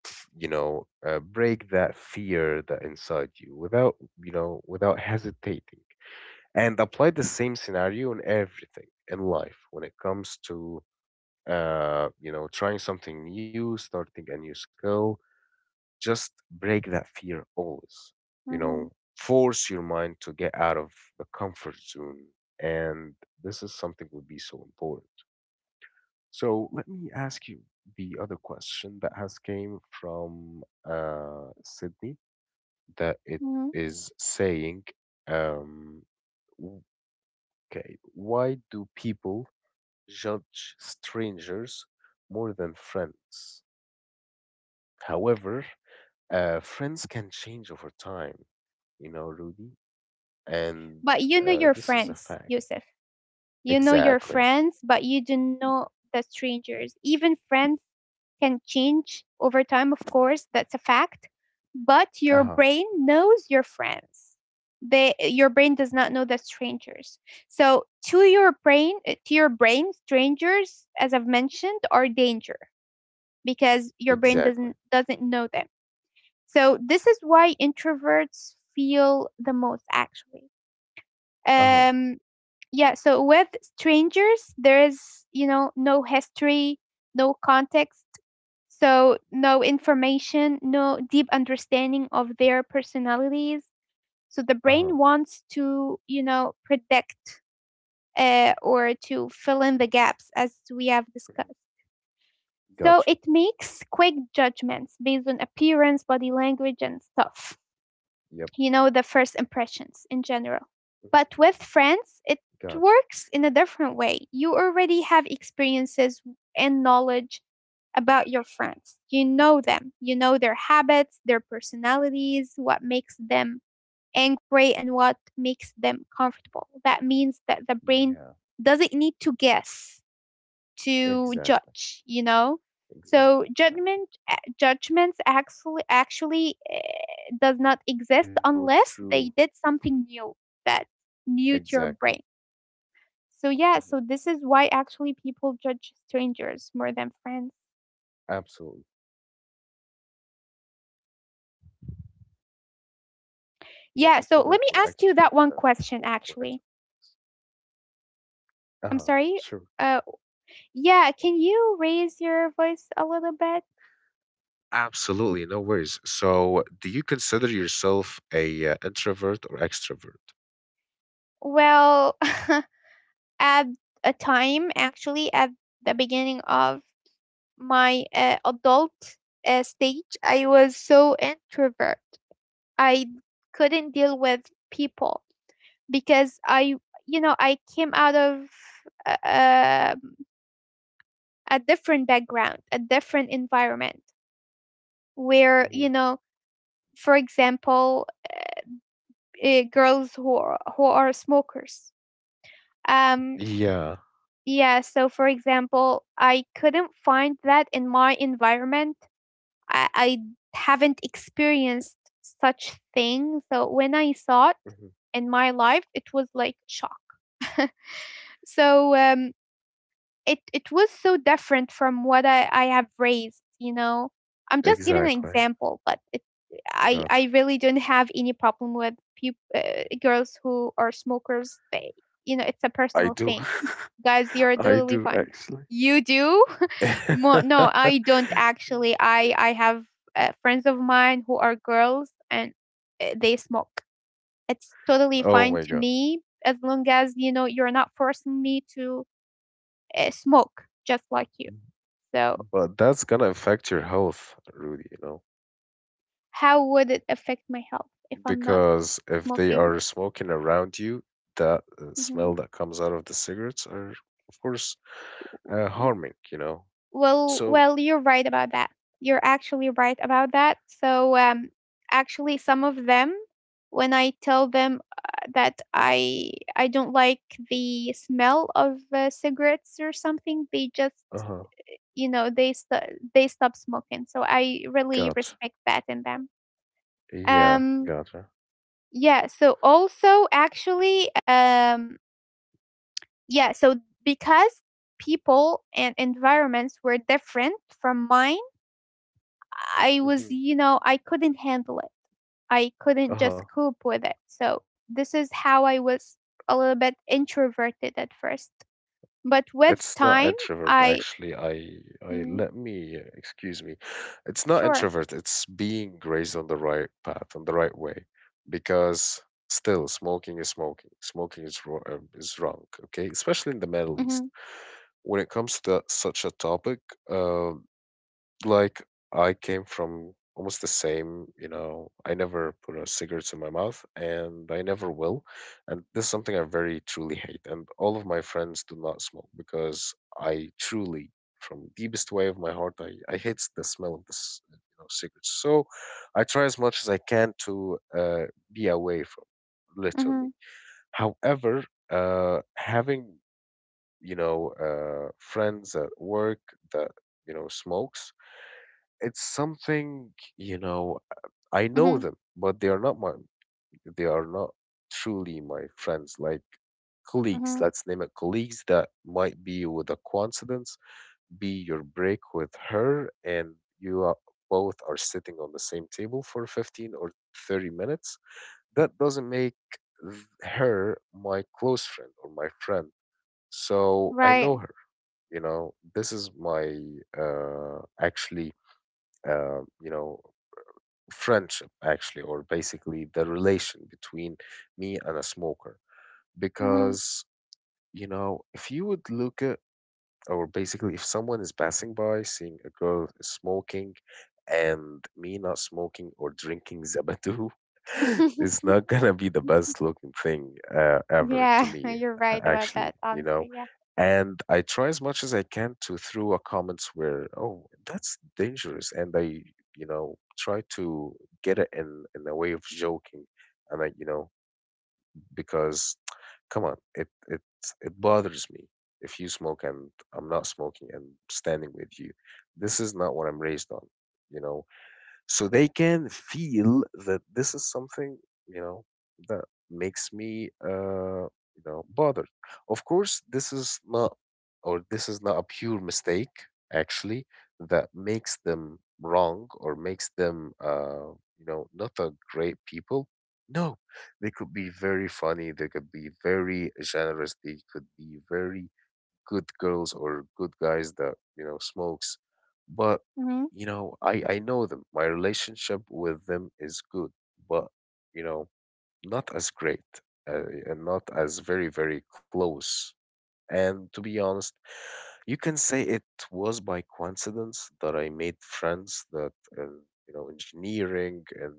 Speaker 1: break that fear that inside you without without hesitating and apply the same scenario in everything in life when it comes to trying something new, starting a new skill, just break that fear always, you know
Speaker 2: Hmm.
Speaker 1: force your mind to get out of the comfort zone, and this is something would be so important. So let me ask you the other question that has came from Sydney, that it
Speaker 2: Hmm.
Speaker 1: is saying, um, w- okay, why do people judge strangers more than friends? However, friends can change over time, you know, Rudy, and
Speaker 2: But you know your
Speaker 1: this is a
Speaker 2: friends,
Speaker 1: fact.
Speaker 2: Yusuf. You know your
Speaker 1: Exactly.
Speaker 2: friends, but you don't know the strangers. Even friends can change over time, of course, that's a fact. But your
Speaker 1: Uh-huh.
Speaker 2: brain knows your friends. They, your brain does not know the strangers. So to your brain, strangers, as I've mentioned, are danger because your brain
Speaker 1: Exactly.
Speaker 2: doesn't know them. So this is why introverts feel the most actually.
Speaker 1: Uh-huh.
Speaker 2: Um, yeah, so with strangers there is, you know, no history, no context, so no information, no deep understanding of their personalities. So the brain
Speaker 1: Uh-huh.
Speaker 2: wants to, you know, predict or to fill in the gaps as we have
Speaker 1: Mhm.
Speaker 2: discussed. So
Speaker 1: Gotcha.
Speaker 2: it makes quick judgments based on appearance, body language, and stuff,
Speaker 1: Yep.
Speaker 2: you know, the first impressions in general.
Speaker 1: Mhm.
Speaker 2: But with friends, it
Speaker 1: Gotcha.
Speaker 2: works in a different way. You already have experiences and knowledge about your friends. You know them, you know their habits, their personalities, what makes them angry, and what makes them comfortable. That means that the brain
Speaker 1: Yeah,
Speaker 2: doesn't need to guess, to
Speaker 1: exactly,
Speaker 2: judge, you know.
Speaker 1: exactly,
Speaker 2: So
Speaker 1: exactly.
Speaker 2: judgments actually
Speaker 1: Uh-huh.
Speaker 2: does not
Speaker 1: That
Speaker 2: exist
Speaker 1: is so
Speaker 2: unless they
Speaker 1: true.
Speaker 2: did something new, that new to your
Speaker 1: Exactly.
Speaker 2: brain. So yeah,
Speaker 1: Hmm.
Speaker 2: so this is why actually people judge strangers more than friends.
Speaker 1: Absolutely. Do you consider yourself a introvert or extra uh,
Speaker 2: Yeah, so
Speaker 1: or
Speaker 2: let me
Speaker 1: introvert?
Speaker 2: ask you that one question actually.
Speaker 1: Uh-huh. Sure.
Speaker 2: I'm sorry, uh yeah, can you raise your voice a little bit?
Speaker 1: Absolutely, no worries. So, do you consider yourself a introvert or extrovert?
Speaker 2: Well, at a time actually, at the beginning of my adult stage, I was so introvert. I couldn't deal with people because I, you know, I came out of uh, a different background, a different environment
Speaker 1: Hmm.
Speaker 2: where, you know, for example, who are smokers. Um,
Speaker 1: Yeah,
Speaker 2: yeah, so for example, I couldn't find that in my environment. I haven't experienced such thing. So when I saw it
Speaker 1: hmm.
Speaker 2: in my life, it was like shock. So, it it was so different from what I have raised. You know, I'm just giving an
Speaker 1: Exactly.
Speaker 2: example, but it, I
Speaker 1: Gotcha.
Speaker 2: really don't have any problem with peop girls who are smokers. They, you know, it's a
Speaker 1: I
Speaker 2: personal
Speaker 1: do.
Speaker 2: thing, guys, you're
Speaker 1: I
Speaker 2: totally
Speaker 1: do
Speaker 2: fine.
Speaker 1: actually.
Speaker 2: You do? No, I don't actually. I have friends of mine who are girls and they smoke. It's totally
Speaker 1: Oh
Speaker 2: fine
Speaker 1: my
Speaker 2: to
Speaker 1: God.
Speaker 2: me as long as, you know, you're not forcing me to smoke just like you. So
Speaker 1: But that's gonna affect your health, Rudy, you know,
Speaker 2: how would it affect my health if I'm not
Speaker 1: because if they
Speaker 2: smoking?
Speaker 1: are smoking around you, that
Speaker 2: Hmm.
Speaker 1: smell that comes out of the cigarettes are, of course, harming, you know.
Speaker 2: Well,
Speaker 1: So,
Speaker 2: well, you're right about that. You're actually right about that. So, actually, some of them, when I tell them that I don't like the smell of cigarettes or something, they just,
Speaker 1: uh-huh,
Speaker 2: you know, they they stop smoking. So I really
Speaker 1: got,
Speaker 2: respect that in them.
Speaker 1: yeah,
Speaker 2: Um,
Speaker 1: gotcha.
Speaker 2: yeah. So also, actually, yeah. So because people and environments were different from mine, I was,
Speaker 1: Mm-hmm.
Speaker 2: you know, I couldn't handle it. I
Speaker 1: Uh
Speaker 2: couldn't
Speaker 1: huh.
Speaker 2: just cope with it. So this is how I was a little bit introverted at first. But
Speaker 1: It's
Speaker 2: with
Speaker 1: not
Speaker 2: time,
Speaker 1: introvert
Speaker 2: I,
Speaker 1: actually. I
Speaker 2: mm,
Speaker 1: let me excuse me. It's not
Speaker 2: sure.
Speaker 1: introvert. It's being raised on the right path, on the right way, because still smoking is smoking. Smoking is wrong, is wrong. Okay, especially in the Middle
Speaker 2: Mhm.
Speaker 1: East. When it comes to that, such a topic, uh, like, I came from almost the same, you know, I never put a cigarette in my mouth and I never will. And this is something I very truly hate. And all of my friends do not smoke because I truly, from deepest way of my heart, I hate the smell of this, you know, cigarettes. So I try as much as I can to be away from it, literally.
Speaker 2: Mhm.
Speaker 1: However, having, you know, friends at work that, you know, smokes, it's something, you know, I know
Speaker 2: Mhm.
Speaker 1: them, but they are not my they are not truly my friends, like colleagues,
Speaker 2: Mhm.
Speaker 1: let's name it, colleagues that might be with a coincidence, be your break with her, and you are, both are sitting on the same table for 15 or 30 minutes. That doesn't make her my close friend or my friend. So I
Speaker 2: Right.
Speaker 1: know her, you know, this is my actually you know friendship, actually, or basically the relation between me and a smoker,
Speaker 2: Mhm.
Speaker 1: because you know if you would look at, or basically if someone is passing by seeing a girl smoking and me not smoking or drinking zabadoo, it's not gonna be the best looking thing ever to
Speaker 2: Yeah,
Speaker 1: me.
Speaker 2: you're right
Speaker 1: A
Speaker 2: about
Speaker 1: actually
Speaker 2: that,
Speaker 1: you know,
Speaker 2: honestly. Yeah.
Speaker 1: and I try as much as I can to throw a comments where oh that's dangerous, and I try to get it in a way of joking, and I, because, come on, it bothers me if you smoke and I'm not smoking and standing with you. This is not what I'm raised on, you know, so they can feel that this is something, you know, that makes me bothered. Of course this is not, or this is not a pure mistake actually, that makes them wrong, or makes them not a great people. No, they could be very funny, they could be very generous, they could be very good girls or good guys that you know smokes, but
Speaker 2: Mhm.
Speaker 1: you know I know them, my relationship with them is good, but you know, not as great, and not as very very close. And to be honest, you can say it was by coincidence that I made friends that in, you know, engineering, and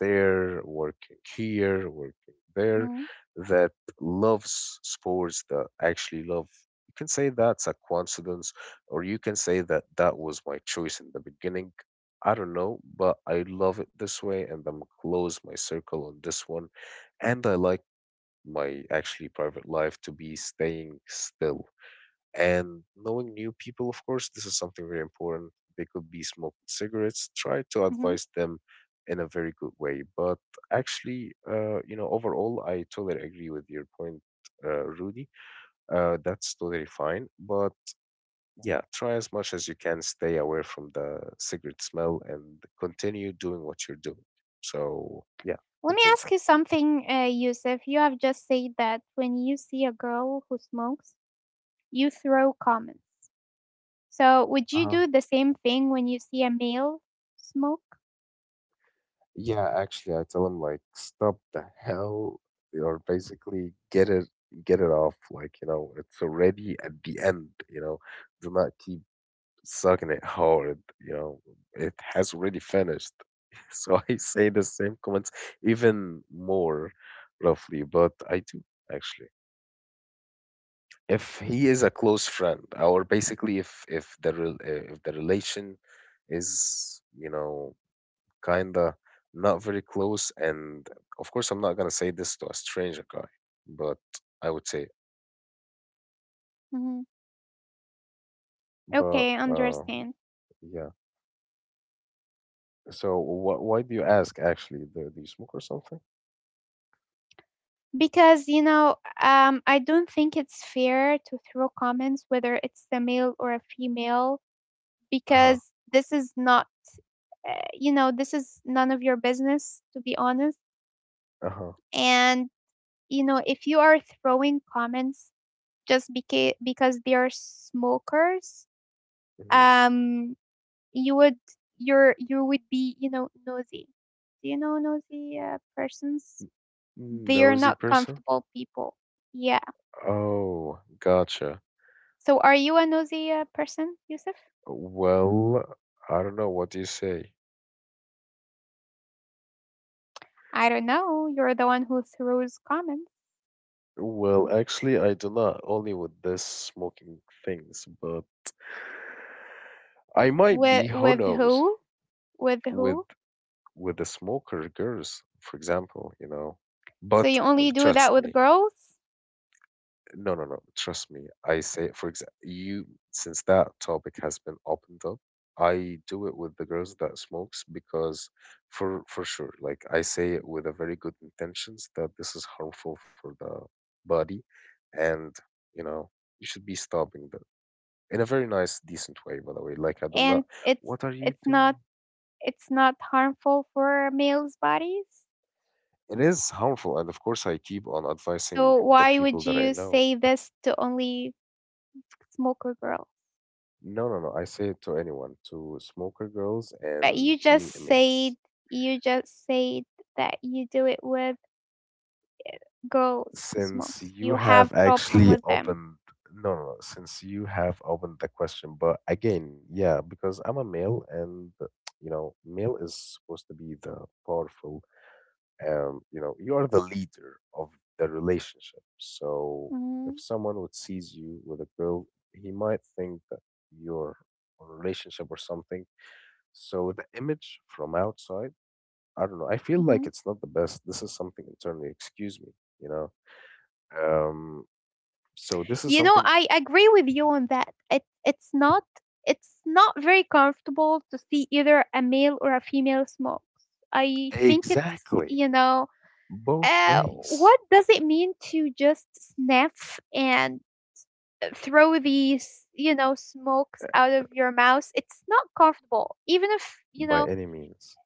Speaker 1: there working here, working there,
Speaker 2: Mhm.
Speaker 1: that loves sports, that actually love, you can say that's a coincidence, or you can say that that was my choice in the beginning. I don't know, but I love it this way, and I'm close my circle on this one, and I like my actually private life to be staying still, and knowing new people, of course, this is something very important. They could be smoking cigarettes, try to
Speaker 2: Mhm.
Speaker 1: advise them in a very good way, but actually overall I totally agree with your point, Rudy. That's totally fine, but yeah, try as much as you can, stay away from the cigarette smell and continue doing what you're doing. So yeah,
Speaker 2: Let me
Speaker 1: continue.
Speaker 2: ask you something, Yusuf. You have just said that when you see a girl who smokes, you throw comments. So, would
Speaker 1: Uh
Speaker 2: you
Speaker 1: huh.
Speaker 2: do the same thing when you see a male smoke?
Speaker 1: Yeah, actually, I tell him like, stop the hell, or basically get it off. Like, you know, it's already at the end. You know, do not keep sucking it hard. You know, it has already finished. So I say the same comments, even more roughly, but I do actually. If he is a close friend, or basically if the if the relation is, you know, kinda not very close. And of course, I'm not gonna say this to a stranger guy, but I would say,
Speaker 2: Hmm.
Speaker 1: but
Speaker 2: Okay, understand.
Speaker 1: yeah. So wh why do you ask actually? Do you smoke or something?
Speaker 2: Because, you know, I don't think it's fair to throw comments whether it's a male or a female,
Speaker 1: Uh-huh.
Speaker 2: because this is not, you know, this is none of your business, to be honest.
Speaker 1: Uh-huh.
Speaker 2: And, you know, if you are throwing comments just because they are smokers,
Speaker 1: Hmm.
Speaker 2: um, you would, you would be, you know, nosy. Do you know nosy persons? They are
Speaker 1: Nosy
Speaker 2: not
Speaker 1: person?
Speaker 2: comfortable people, yeah.
Speaker 1: Oh, gotcha.
Speaker 2: So are you a nosy person, Yusuf?
Speaker 1: Well, I don't know. What do you say?
Speaker 2: I don't know, you're the one who throws comments.
Speaker 1: Well, actually, I do not, only with this smoking things, but I might
Speaker 2: with
Speaker 1: be, who
Speaker 2: with
Speaker 1: knows,
Speaker 2: who with
Speaker 1: with
Speaker 2: who?
Speaker 1: with the smoker girls, for example, you know.
Speaker 2: So
Speaker 1: But
Speaker 2: you only do
Speaker 1: trust
Speaker 2: that with
Speaker 1: me,
Speaker 2: girls?
Speaker 1: no, no, no, trust me. I say, for example, you, since that topic has been opened up, I do it with the girls that smokes because, for sure, like I say it with a very good intentions that this is harmful for the body, and you know you should be stopping that in a very nice, decent way. By the way, like I do
Speaker 2: And
Speaker 1: not. What are you
Speaker 2: it's not
Speaker 1: doing?
Speaker 2: it's not harmful for males bodies?
Speaker 1: It is harmful, and of course, I keep on advising
Speaker 2: So
Speaker 1: the
Speaker 2: why
Speaker 1: people
Speaker 2: would
Speaker 1: that I
Speaker 2: you
Speaker 1: know.
Speaker 2: say this to only smoker girls?
Speaker 1: No, no, no. I say it to anyone, to smoker girls
Speaker 2: But
Speaker 1: and
Speaker 2: you
Speaker 1: me
Speaker 2: just
Speaker 1: males.
Speaker 2: said you just said that you do it with girls who
Speaker 1: Since
Speaker 2: smokes.
Speaker 1: you
Speaker 2: You have
Speaker 1: have
Speaker 2: problem
Speaker 1: actually
Speaker 2: with them.
Speaker 1: opened, no, no, no. Since you have opened the question, but again, yeah, because I'm a male, and you know, male is supposed to be the powerful you know you are the leader of the relationship, so
Speaker 2: Hmm.
Speaker 1: if someone would sees you with a girl, he might think that you're on a relationship or something, so the image from outside, I don't know, I feel
Speaker 2: Hmm.
Speaker 1: like it's not the best. This is something internally, excuse me, you know, um, so this is
Speaker 2: You know,
Speaker 1: something.
Speaker 2: I agree with you on that. It's not, it's not very comfortable to see either a male or a female smoke. I think it's
Speaker 1: Exactly,
Speaker 2: you know
Speaker 1: both
Speaker 2: uh,
Speaker 1: ways.
Speaker 2: what does it mean to just sniff and throw these smokes
Speaker 1: uh,
Speaker 2: out of your mouth? It's not comfortable even if
Speaker 1: by any means,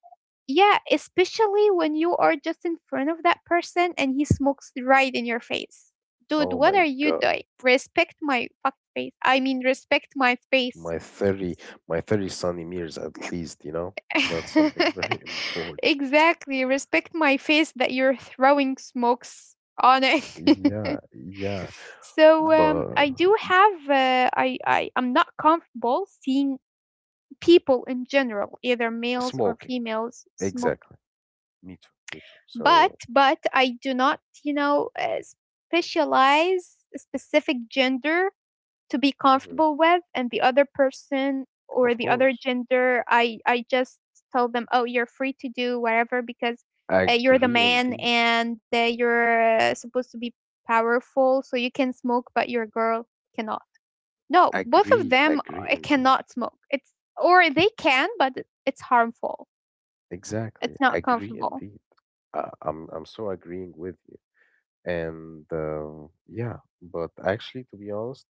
Speaker 2: Yeah, especially when you are just in front of that person and he smokes right in your face. Dude,
Speaker 1: oh
Speaker 2: what
Speaker 1: my
Speaker 2: are you
Speaker 1: God,
Speaker 2: doing? Respect my fuck face. I mean, respect my face.
Speaker 1: my 30 my 30 sunny years at least, you know, that's something very important.
Speaker 2: Exactly. Respect my face that you're throwing smokes on it.
Speaker 1: Yeah, yeah,
Speaker 2: So
Speaker 1: but
Speaker 2: I do have. I'm not comfortable seeing people in general, either males or
Speaker 1: smoking
Speaker 2: females, smoke,
Speaker 1: exactly, me too, me too,
Speaker 2: but
Speaker 1: so
Speaker 2: I do not, you know, specialize a specific gender to be
Speaker 1: mhm,
Speaker 2: comfortable with, and the other person or
Speaker 1: of
Speaker 2: the other
Speaker 1: course,
Speaker 2: gender, I just tell them, oh, you're free to do whatever because you're the
Speaker 1: agree
Speaker 2: man
Speaker 1: indeed,
Speaker 2: and you're supposed to be powerful, so you can smoke, but your girl cannot. No, both of them
Speaker 1: agree indeed,
Speaker 2: cannot smoke. It's, or they can, but it's harmful.
Speaker 1: exactly,
Speaker 2: It's not
Speaker 1: agree
Speaker 2: comfortable.
Speaker 1: indeed. I'm I'm so agreeing with you, and yeah, but actually, to be honest,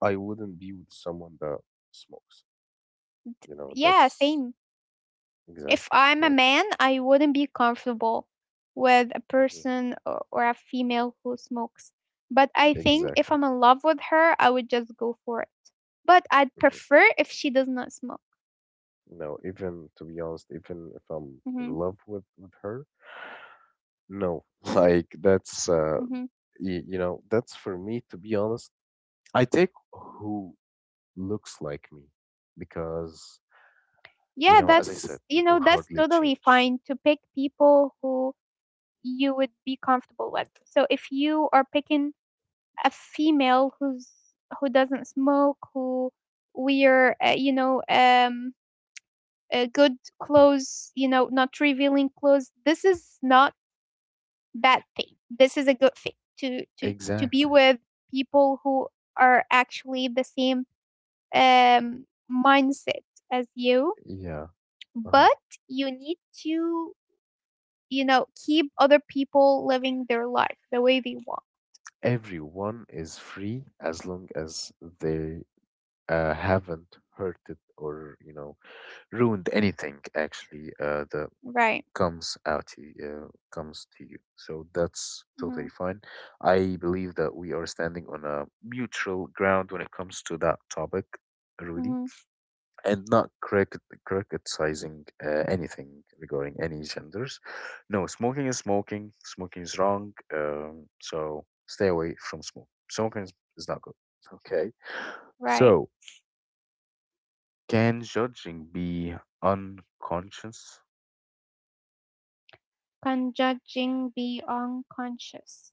Speaker 1: I wouldn't be with someone that smokes, you know,
Speaker 2: Yeah,
Speaker 1: that's
Speaker 2: same. If
Speaker 1: exactly
Speaker 2: I'm a
Speaker 1: like
Speaker 2: man, I wouldn't be comfortable with a
Speaker 1: mm-hmm.
Speaker 2: person or a female who smokes. But I think if
Speaker 1: Exactly.
Speaker 2: I'm in love with her, I would just go for it. But I'd
Speaker 1: Mhm.
Speaker 2: prefer if she does not smoke.
Speaker 1: No, even to be honest, even if I'm in
Speaker 2: Hmm
Speaker 1: love with her, no, like that's
Speaker 2: hmm
Speaker 1: you know, that's for me to be honest. I take who looks like me because you
Speaker 2: Yeah,
Speaker 1: know, as I said,
Speaker 2: that's, you
Speaker 1: people
Speaker 2: know, that's
Speaker 1: hardly
Speaker 2: totally
Speaker 1: change.
Speaker 2: fine to pick people who you would be comfortable with. So if you are picking a female who's who doesn't smoke, who we're, good clothes, you know, not revealing clothes. This is not bad thing. This is a good thing to be
Speaker 1: Exactly.
Speaker 2: with people who are actually the same um, mindset as you.
Speaker 1: Yeah, uh
Speaker 2: But you need to, you know, keep other people living their life the way they want.
Speaker 1: Everyone is free as long as they haven't hurted or, you know, ruined anything actually. The
Speaker 2: Right.
Speaker 1: comes out to you, comes to you. So that's
Speaker 2: Mm-hmm.
Speaker 1: totally fine. I believe that we are standing on a neutral ground when it comes to that topic, Rudy,
Speaker 2: Mm-hmm.
Speaker 1: and not critic- criticizing anything regarding any genders. No, smoking is smoking. Smoking is wrong. So stay away from smoke. Smoking is not good. Okay.
Speaker 2: Right.
Speaker 1: So can judging be unconscious?
Speaker 2: Can judging be unconscious?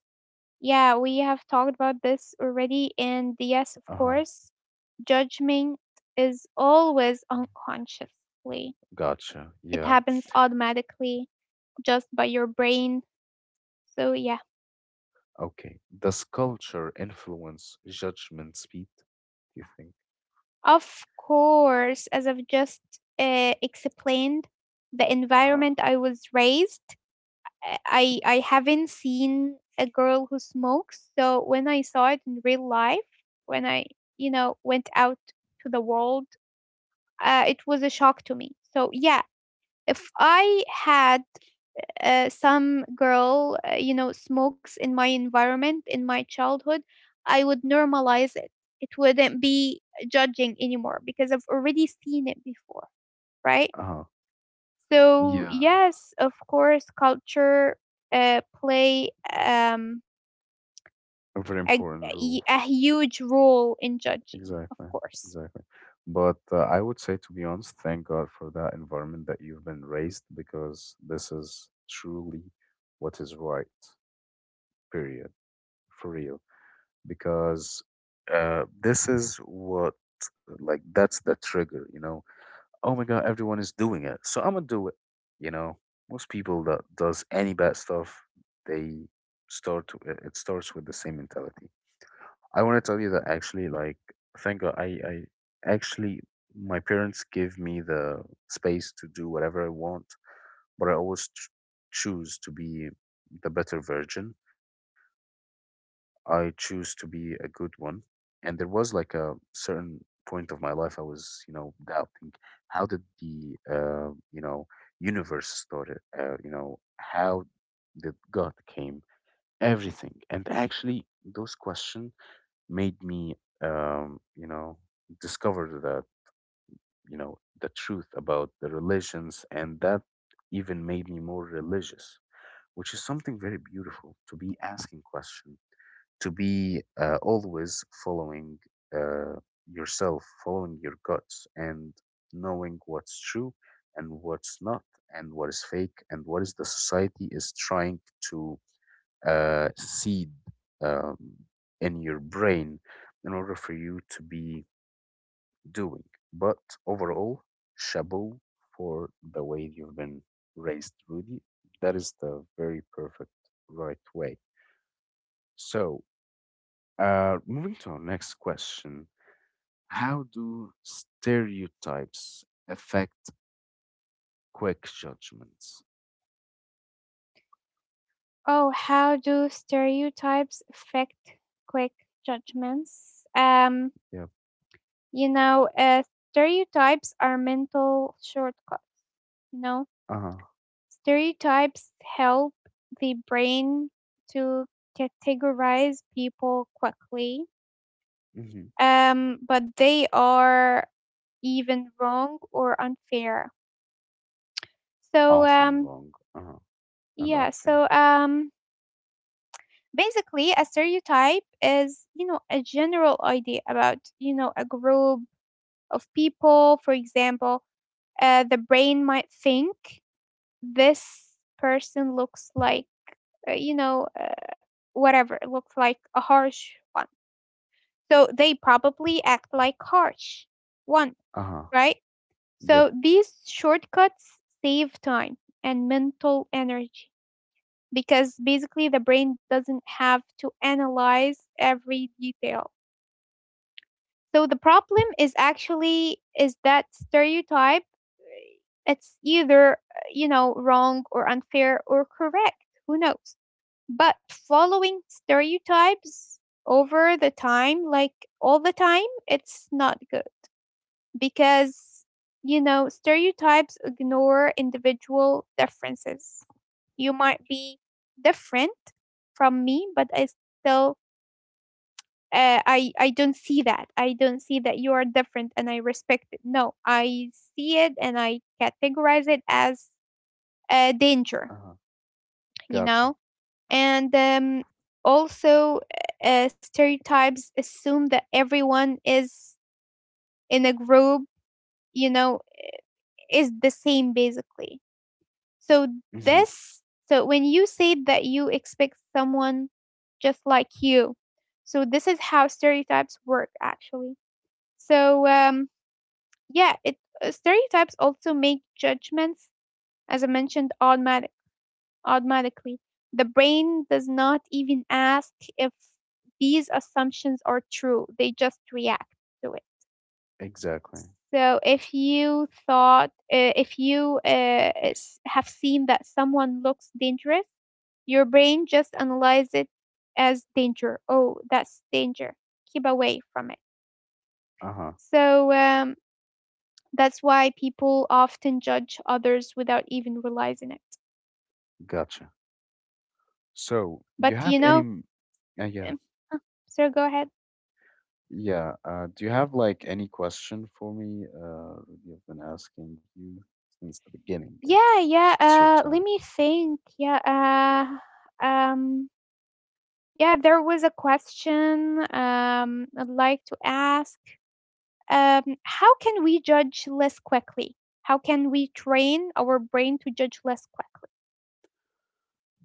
Speaker 2: Yeah, we have talked about this already, and yes, of
Speaker 1: Uh huh.
Speaker 2: course, judgment is always unconsciously,
Speaker 1: Gotcha.
Speaker 2: it
Speaker 1: Yeah.
Speaker 2: happens automatically just by your brain. So, yeah,
Speaker 1: Okay. Does culture influence judgment speed, do you think?
Speaker 2: of course, as I've just explained, the
Speaker 1: Uh-huh.
Speaker 2: environment I was raised, I haven't seen a girl who smokes. So, when I saw it in real life, when I went out to the world, it was a shock to me. So, yeah, if I had some girl, smokes in my environment, in my childhood, I would normalize it. It wouldn't be judging anymore because I've already seen it before, right?
Speaker 1: Uh-huh.
Speaker 2: So,
Speaker 1: Yeah.
Speaker 2: yes, of course, culture play um,
Speaker 1: A very
Speaker 2: a,
Speaker 1: important rule.
Speaker 2: a huge role in judging, of
Speaker 1: Exactly.
Speaker 2: course.
Speaker 1: Exactly. But I would say, to be honest, thank God for that environment that you've been raised, because this is truly what is right, period, for real. Because this is what, like, that's the trigger, you know? Oh my god, everyone is doing it, so I'm gonna do it. You know, most people that does any bad stuff, they start. To, it starts with the same mentality. I want to tell you that actually, like, thank God, I actually my parents give me the space to do whatever I want, but I always choose to be the better version. I choose to be a good one. And there was like a certain point of my life I was, you know, doubting how did the, you know, universe started, you know, how did God came, everything. And actually, those questions made me, you know, discover that, you know, the truth about the religions. And that even made me more religious, which is something very beautiful, to be asking questions, to be always following uh, yourself, following your guts, and knowing what's true and what's not, and what is fake, and what is the society is trying to seed um, in your brain in order for you to be doing. But overall, chapeau for the way you've been raised, Rudy. That is the very perfect right way. So, moving to our next question. How do stereotypes affect quick judgments?
Speaker 2: Oh, how do stereotypes affect quick judgments?
Speaker 1: Yep.
Speaker 2: You know, stereotypes are mental shortcuts. You know,
Speaker 1: Uh huh.
Speaker 2: stereotypes help the brain to categorize people quickly,
Speaker 1: Hmm.
Speaker 2: but they are even wrong or unfair. So,
Speaker 1: Often wrong. Uh huh. And
Speaker 2: yeah,
Speaker 1: unfair.
Speaker 2: so basically, a stereotype is, you know, a general idea about, you know, a group of people. For example, the brain might think this person looks like, uh, you know, uh, whatever, looks like a harsh one. So they probably act like harsh one,
Speaker 1: Uh huh.
Speaker 2: right?
Speaker 1: Yep.
Speaker 2: So these shortcuts save time and mental energy because basically the brain doesn't have to analyze every detail. So the problem is actually is that stereotype, it's either you know, wrong or unfair or correct, who knows? But following stereotypes over the time, like all the time, it's not good because, you know, stereotypes ignore individual differences. You might be different from me, but I still I don't see that. I don't see that you are different and I respect it. No, I see it and I categorize it as a danger,
Speaker 1: Uh huh.
Speaker 2: you
Speaker 1: Gotcha.
Speaker 2: know. And also stereotypes assume that everyone is in a group, you know, is the same basically. So
Speaker 1: Hmm.
Speaker 2: this so when you say that, you expect someone just like you. So this is how stereotypes work actually. So yeah it stereotypes also make judgments, as I mentioned, automatic, automatically. The brain does not even ask if these assumptions are true, they just react to it.
Speaker 1: Exactly.
Speaker 2: So if you thought, if you s- have seen that someone looks dangerous, your brain just analyzes it as danger. Oh, that's danger. Keep away from it.
Speaker 1: Uh huh.
Speaker 2: So that's why people often judge others without even realizing it.
Speaker 1: Gotcha. So, do
Speaker 2: But
Speaker 1: you have
Speaker 2: you
Speaker 1: any?
Speaker 2: know, um,
Speaker 1: Yeah,
Speaker 2: uh, sir, go ahead.
Speaker 1: yeah. Do you have like any question for me? Rudy, I've been asking you since the beginning,
Speaker 2: Yeah,
Speaker 1: actually.
Speaker 2: yeah.
Speaker 1: It's your time.
Speaker 2: Let me think. Yeah. Uh, um. Yeah, there was a question I'd like to ask. How can we judge less quickly? How can we train our brain to judge less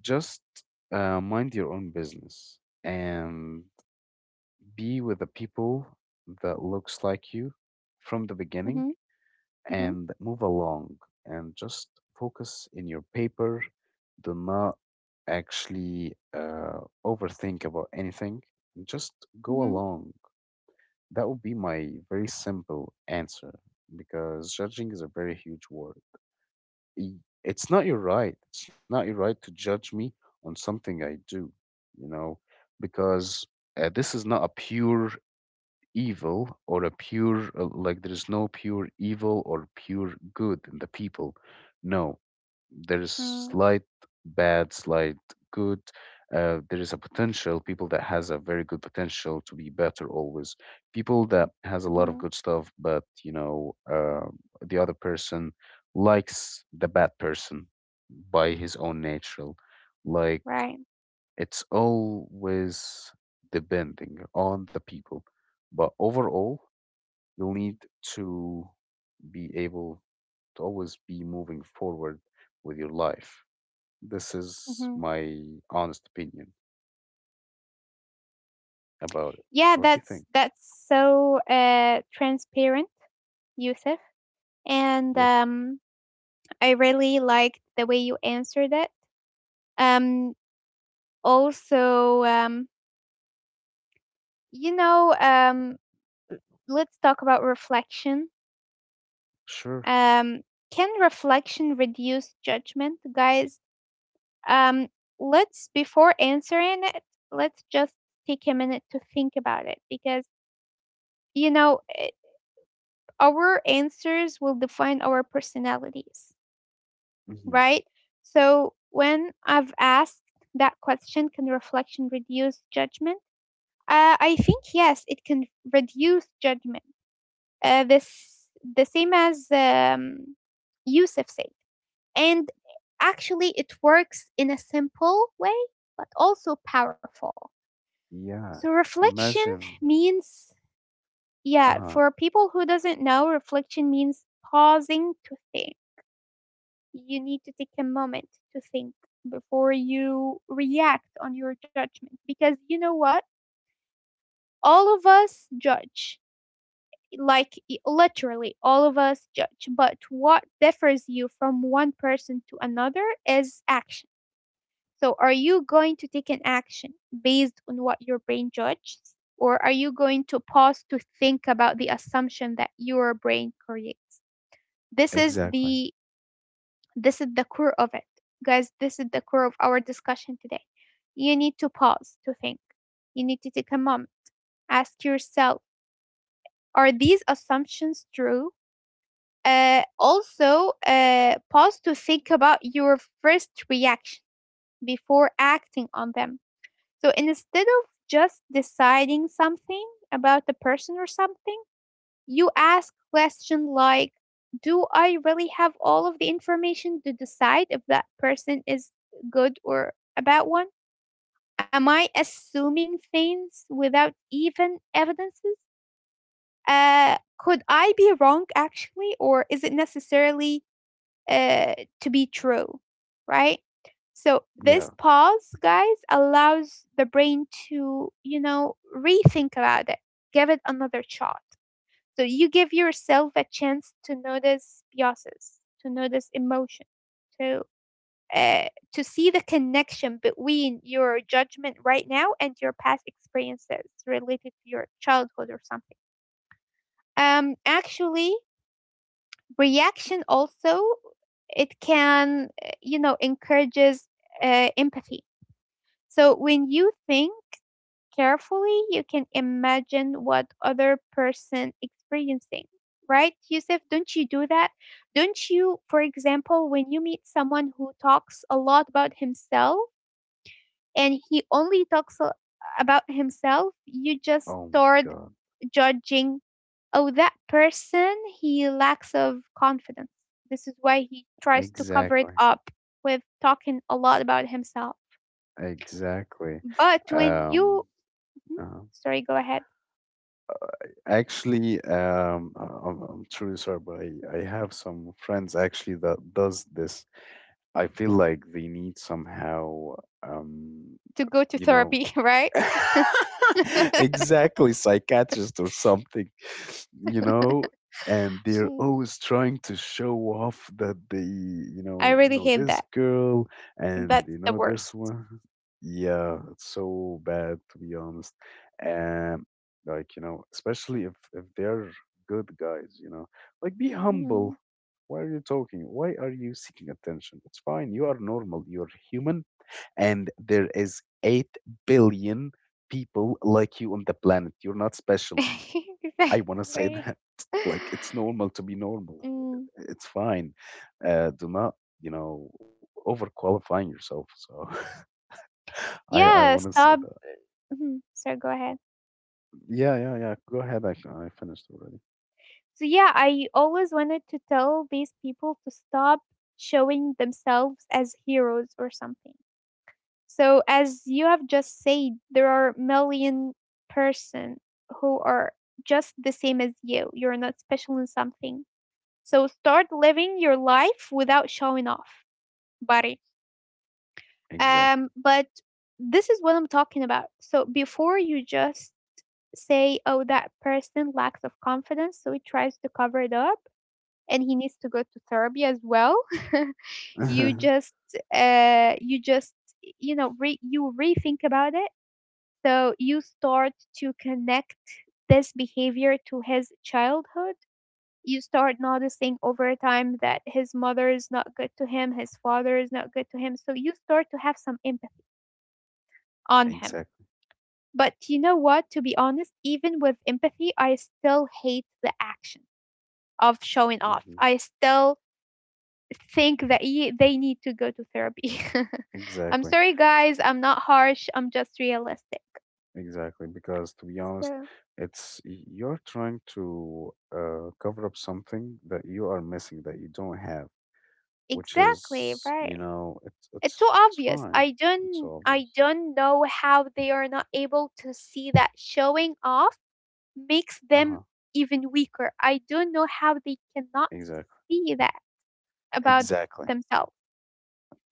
Speaker 1: Just mind your own business and be with the people that looks like you from the
Speaker 2: quickly? Mm-hmm,
Speaker 1: beginning,
Speaker 2: mm-hmm,
Speaker 1: and move along, and just focus in your paper. Do not actually overthink about anything. Just go
Speaker 2: mm-hmm,
Speaker 1: along. That would be my very simple answer, because judging is a very huge word. It's not your right. It's not your right to judge me on something I do, you know, because this is not a pure evil or a pure, like, there is no pure evil or pure good in the people. No, there is
Speaker 2: mm-hmm,
Speaker 1: slight bad, slight good. There is a potential people that has a very good potential to be better always. People that has a lot of
Speaker 2: mm-hmm,
Speaker 1: good stuff, but you know the other person likes the bad person by his own natural. Like,
Speaker 2: right.
Speaker 1: it's always depending on the people, but overall you'll need to be able to always be moving forward with your life. This is
Speaker 2: Mm-hmm.
Speaker 1: my honest opinion about it.
Speaker 2: Yeah,
Speaker 1: What do you
Speaker 2: that's
Speaker 1: think?
Speaker 2: so transparent, Yusuf, and
Speaker 1: Yep.
Speaker 2: I really liked the way you answered it. Um, also you know, let's talk about reflection.
Speaker 1: Sure.
Speaker 2: Um, can reflection reduce judgment, guys? Um, let's, before answering it, let's just take a minute to think about it because, you know, our answers will define our personalities,
Speaker 1: Hmm.
Speaker 2: right? So when I've asked that question, can reflection reduce judgment? I think yes, it can reduce judgment, this the same as Yusuf said. And actually, it works in a simple way, but also powerful.
Speaker 1: Yeah.
Speaker 2: So reflection
Speaker 1: Imagine.
Speaker 2: means,
Speaker 1: Uh
Speaker 2: yeah,
Speaker 1: huh.
Speaker 2: for people who doesn't know, reflection means pausing to think. You need to take a moment to think before you react on your judgment because you know what? All of us judge, like literally all of us judge, but what differs you from one person to another is action. So are you going to take an action based on what your brain judges, or are you going to pause to think about the assumption that your brain creates? this is
Speaker 1: Exactly.
Speaker 2: the this is the core of it, guys. This is the core of our discussion today. You need to pause to think. You need to take a moment, ask yourself, are these assumptions true? Also, pause to think about your first reaction before acting on them. So instead of just deciding something about the person or something, you ask questions like, do I really have all of the information to decide if that person is good or a bad one? Am I assuming things without even evidences? Could I be wrong actually, or is it necessarily uh, to be true, right? So this
Speaker 1: Yeah.
Speaker 2: pause, guys, allows the brain to, you know, rethink about it, give it another shot. So you give yourself a chance to notice biases, to notice emotion, to uh, to see the connection between your judgment right now and your past experiences related to your childhood or something. Actually, reaction also, it can you know, encourages empathy. So when you think carefully, you can imagine what other person experiencing, right? Yusuf, don't you do that? Don't you, for example, when you meet someone who talks a lot about himself, and he only talks about himself, you
Speaker 1: Oh
Speaker 2: just
Speaker 1: my
Speaker 2: start
Speaker 1: God.
Speaker 2: judging, oh, that person, he lacks of confidence, this is why he tries to cover it
Speaker 1: Exactly.
Speaker 2: up with talking a lot about himself.
Speaker 1: Exactly.
Speaker 2: But when you
Speaker 1: Um.
Speaker 2: Mhm.
Speaker 1: uh,
Speaker 2: Sorry, go ahead
Speaker 1: Actually, I'm truly sorry, but I have some friends actually that does this. I feel like they need somehow, um,
Speaker 2: to go to
Speaker 1: you know,
Speaker 2: therapy right.
Speaker 1: exactly, psychiatrist or something, you know. And they're
Speaker 2: Mm,
Speaker 1: always trying to show off that they, you
Speaker 2: I
Speaker 1: know
Speaker 2: really
Speaker 1: know
Speaker 2: hate
Speaker 1: this
Speaker 2: that.
Speaker 1: girl and
Speaker 2: That's
Speaker 1: you
Speaker 2: the
Speaker 1: know this
Speaker 2: worst.
Speaker 1: one. Yeah, it's so bad, to be honest. um like, you know, especially if they're good guys, you know, like be
Speaker 2: Mhm.
Speaker 1: humble. Why are you talking? Why are you seeking attention? It's fine, you are normal, you're human, and there is 8 billion people like you on the planet. You're not special. I want to say
Speaker 2: Exactly.
Speaker 1: that. Like, it's normal to be normal.
Speaker 2: Mm.
Speaker 1: It's fine. Do not, you know, overqualifying yourself. So I
Speaker 2: Yeah,
Speaker 1: want to say
Speaker 2: stop.
Speaker 1: that.
Speaker 2: Mhm. Sorry, go ahead.
Speaker 1: Yeah, yeah, yeah. Go ahead. I finished already.
Speaker 2: So yeah, I always wanted to tell these people to stop showing themselves as heroes or something. So as you have just said, there are million person who are just the same as you. You're not special in something. So start living your life without showing off, buddy.
Speaker 1: Exactly.
Speaker 2: But this is what I'm talking about. So before you just say, "Oh, that person lacks of confidence," so he tries to cover it up, and he needs to go to therapy as well. You just, uh, you just, you know, you rethink about it. So you start to connect this behavior to his childhood. You start noticing over time that his mother is not good to him, his father is not good to him. So you start to have some empathy on him.
Speaker 1: Exactly.
Speaker 2: But you know what? To be honest, even with empathy, I still hate the action of showing off.
Speaker 1: Hmm.
Speaker 2: I still think that they need to go to therapy. I'm
Speaker 1: Exactly.
Speaker 2: sorry, guys. I'm not harsh. I'm just realistic.
Speaker 1: Exactly, because to be honest,
Speaker 2: So,
Speaker 1: you're trying to cover up something that you are missing, that you don't have, which
Speaker 2: exactly,
Speaker 1: is, you
Speaker 2: right.
Speaker 1: know, it's
Speaker 2: It's so
Speaker 1: it's it's
Speaker 2: obvious.
Speaker 1: fine.
Speaker 2: I don't
Speaker 1: It's
Speaker 2: I
Speaker 1: obvious.
Speaker 2: don't know how they are not able to see that showing off makes them
Speaker 1: Uh-huh.
Speaker 2: even weaker. I don't know how they cannot
Speaker 1: Exactly.
Speaker 2: see that about
Speaker 1: Exactly.
Speaker 2: themselves.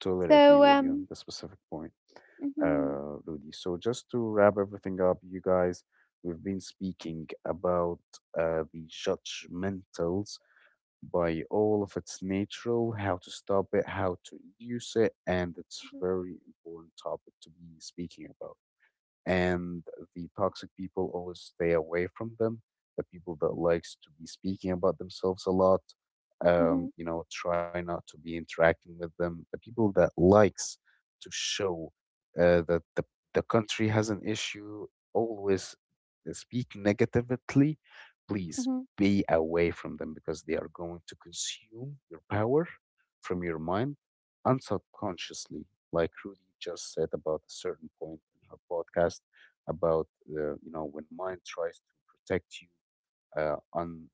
Speaker 1: Totally agree
Speaker 2: so
Speaker 1: with you on
Speaker 2: um
Speaker 1: the specific point,
Speaker 2: mhm,
Speaker 1: Rudy. So just to wrap everything up, you guys, we've been speaking about the judgmentals by all of its natural, how to stop it, how to reduce it, and it's
Speaker 2: mhm,
Speaker 1: very important topic to be speaking about. And the toxic people, always stay away from them. The people that likes to be speaking about themselves a lot,
Speaker 2: mhm,
Speaker 1: you know, try not to be interacting with them. The people that likes to show that the country has an issue, always speak negatively, please
Speaker 2: mhm,
Speaker 1: be away from them, because they are going to consume your power from your mind unsubconsciously, like Rudy just said about a certain point in her podcast, about the, you know, when mind tries to protect you, un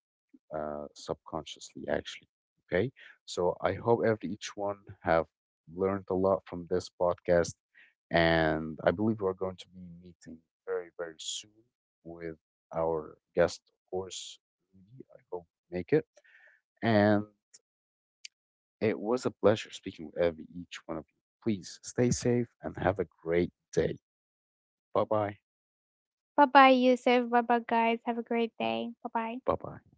Speaker 1: subconsciously actually. Okay, so I hope every each one have learned a lot from this podcast, and I believe we're going to be meeting very very soon with our guest, of course, Rudy. I hope you make it. And it was a pleasure speaking with every, each one of you. Please stay safe and have a great day. Bye bye.
Speaker 2: bye bye, Yusuf, bye bye guys, have a great day, bye bye.
Speaker 1: Bye bye.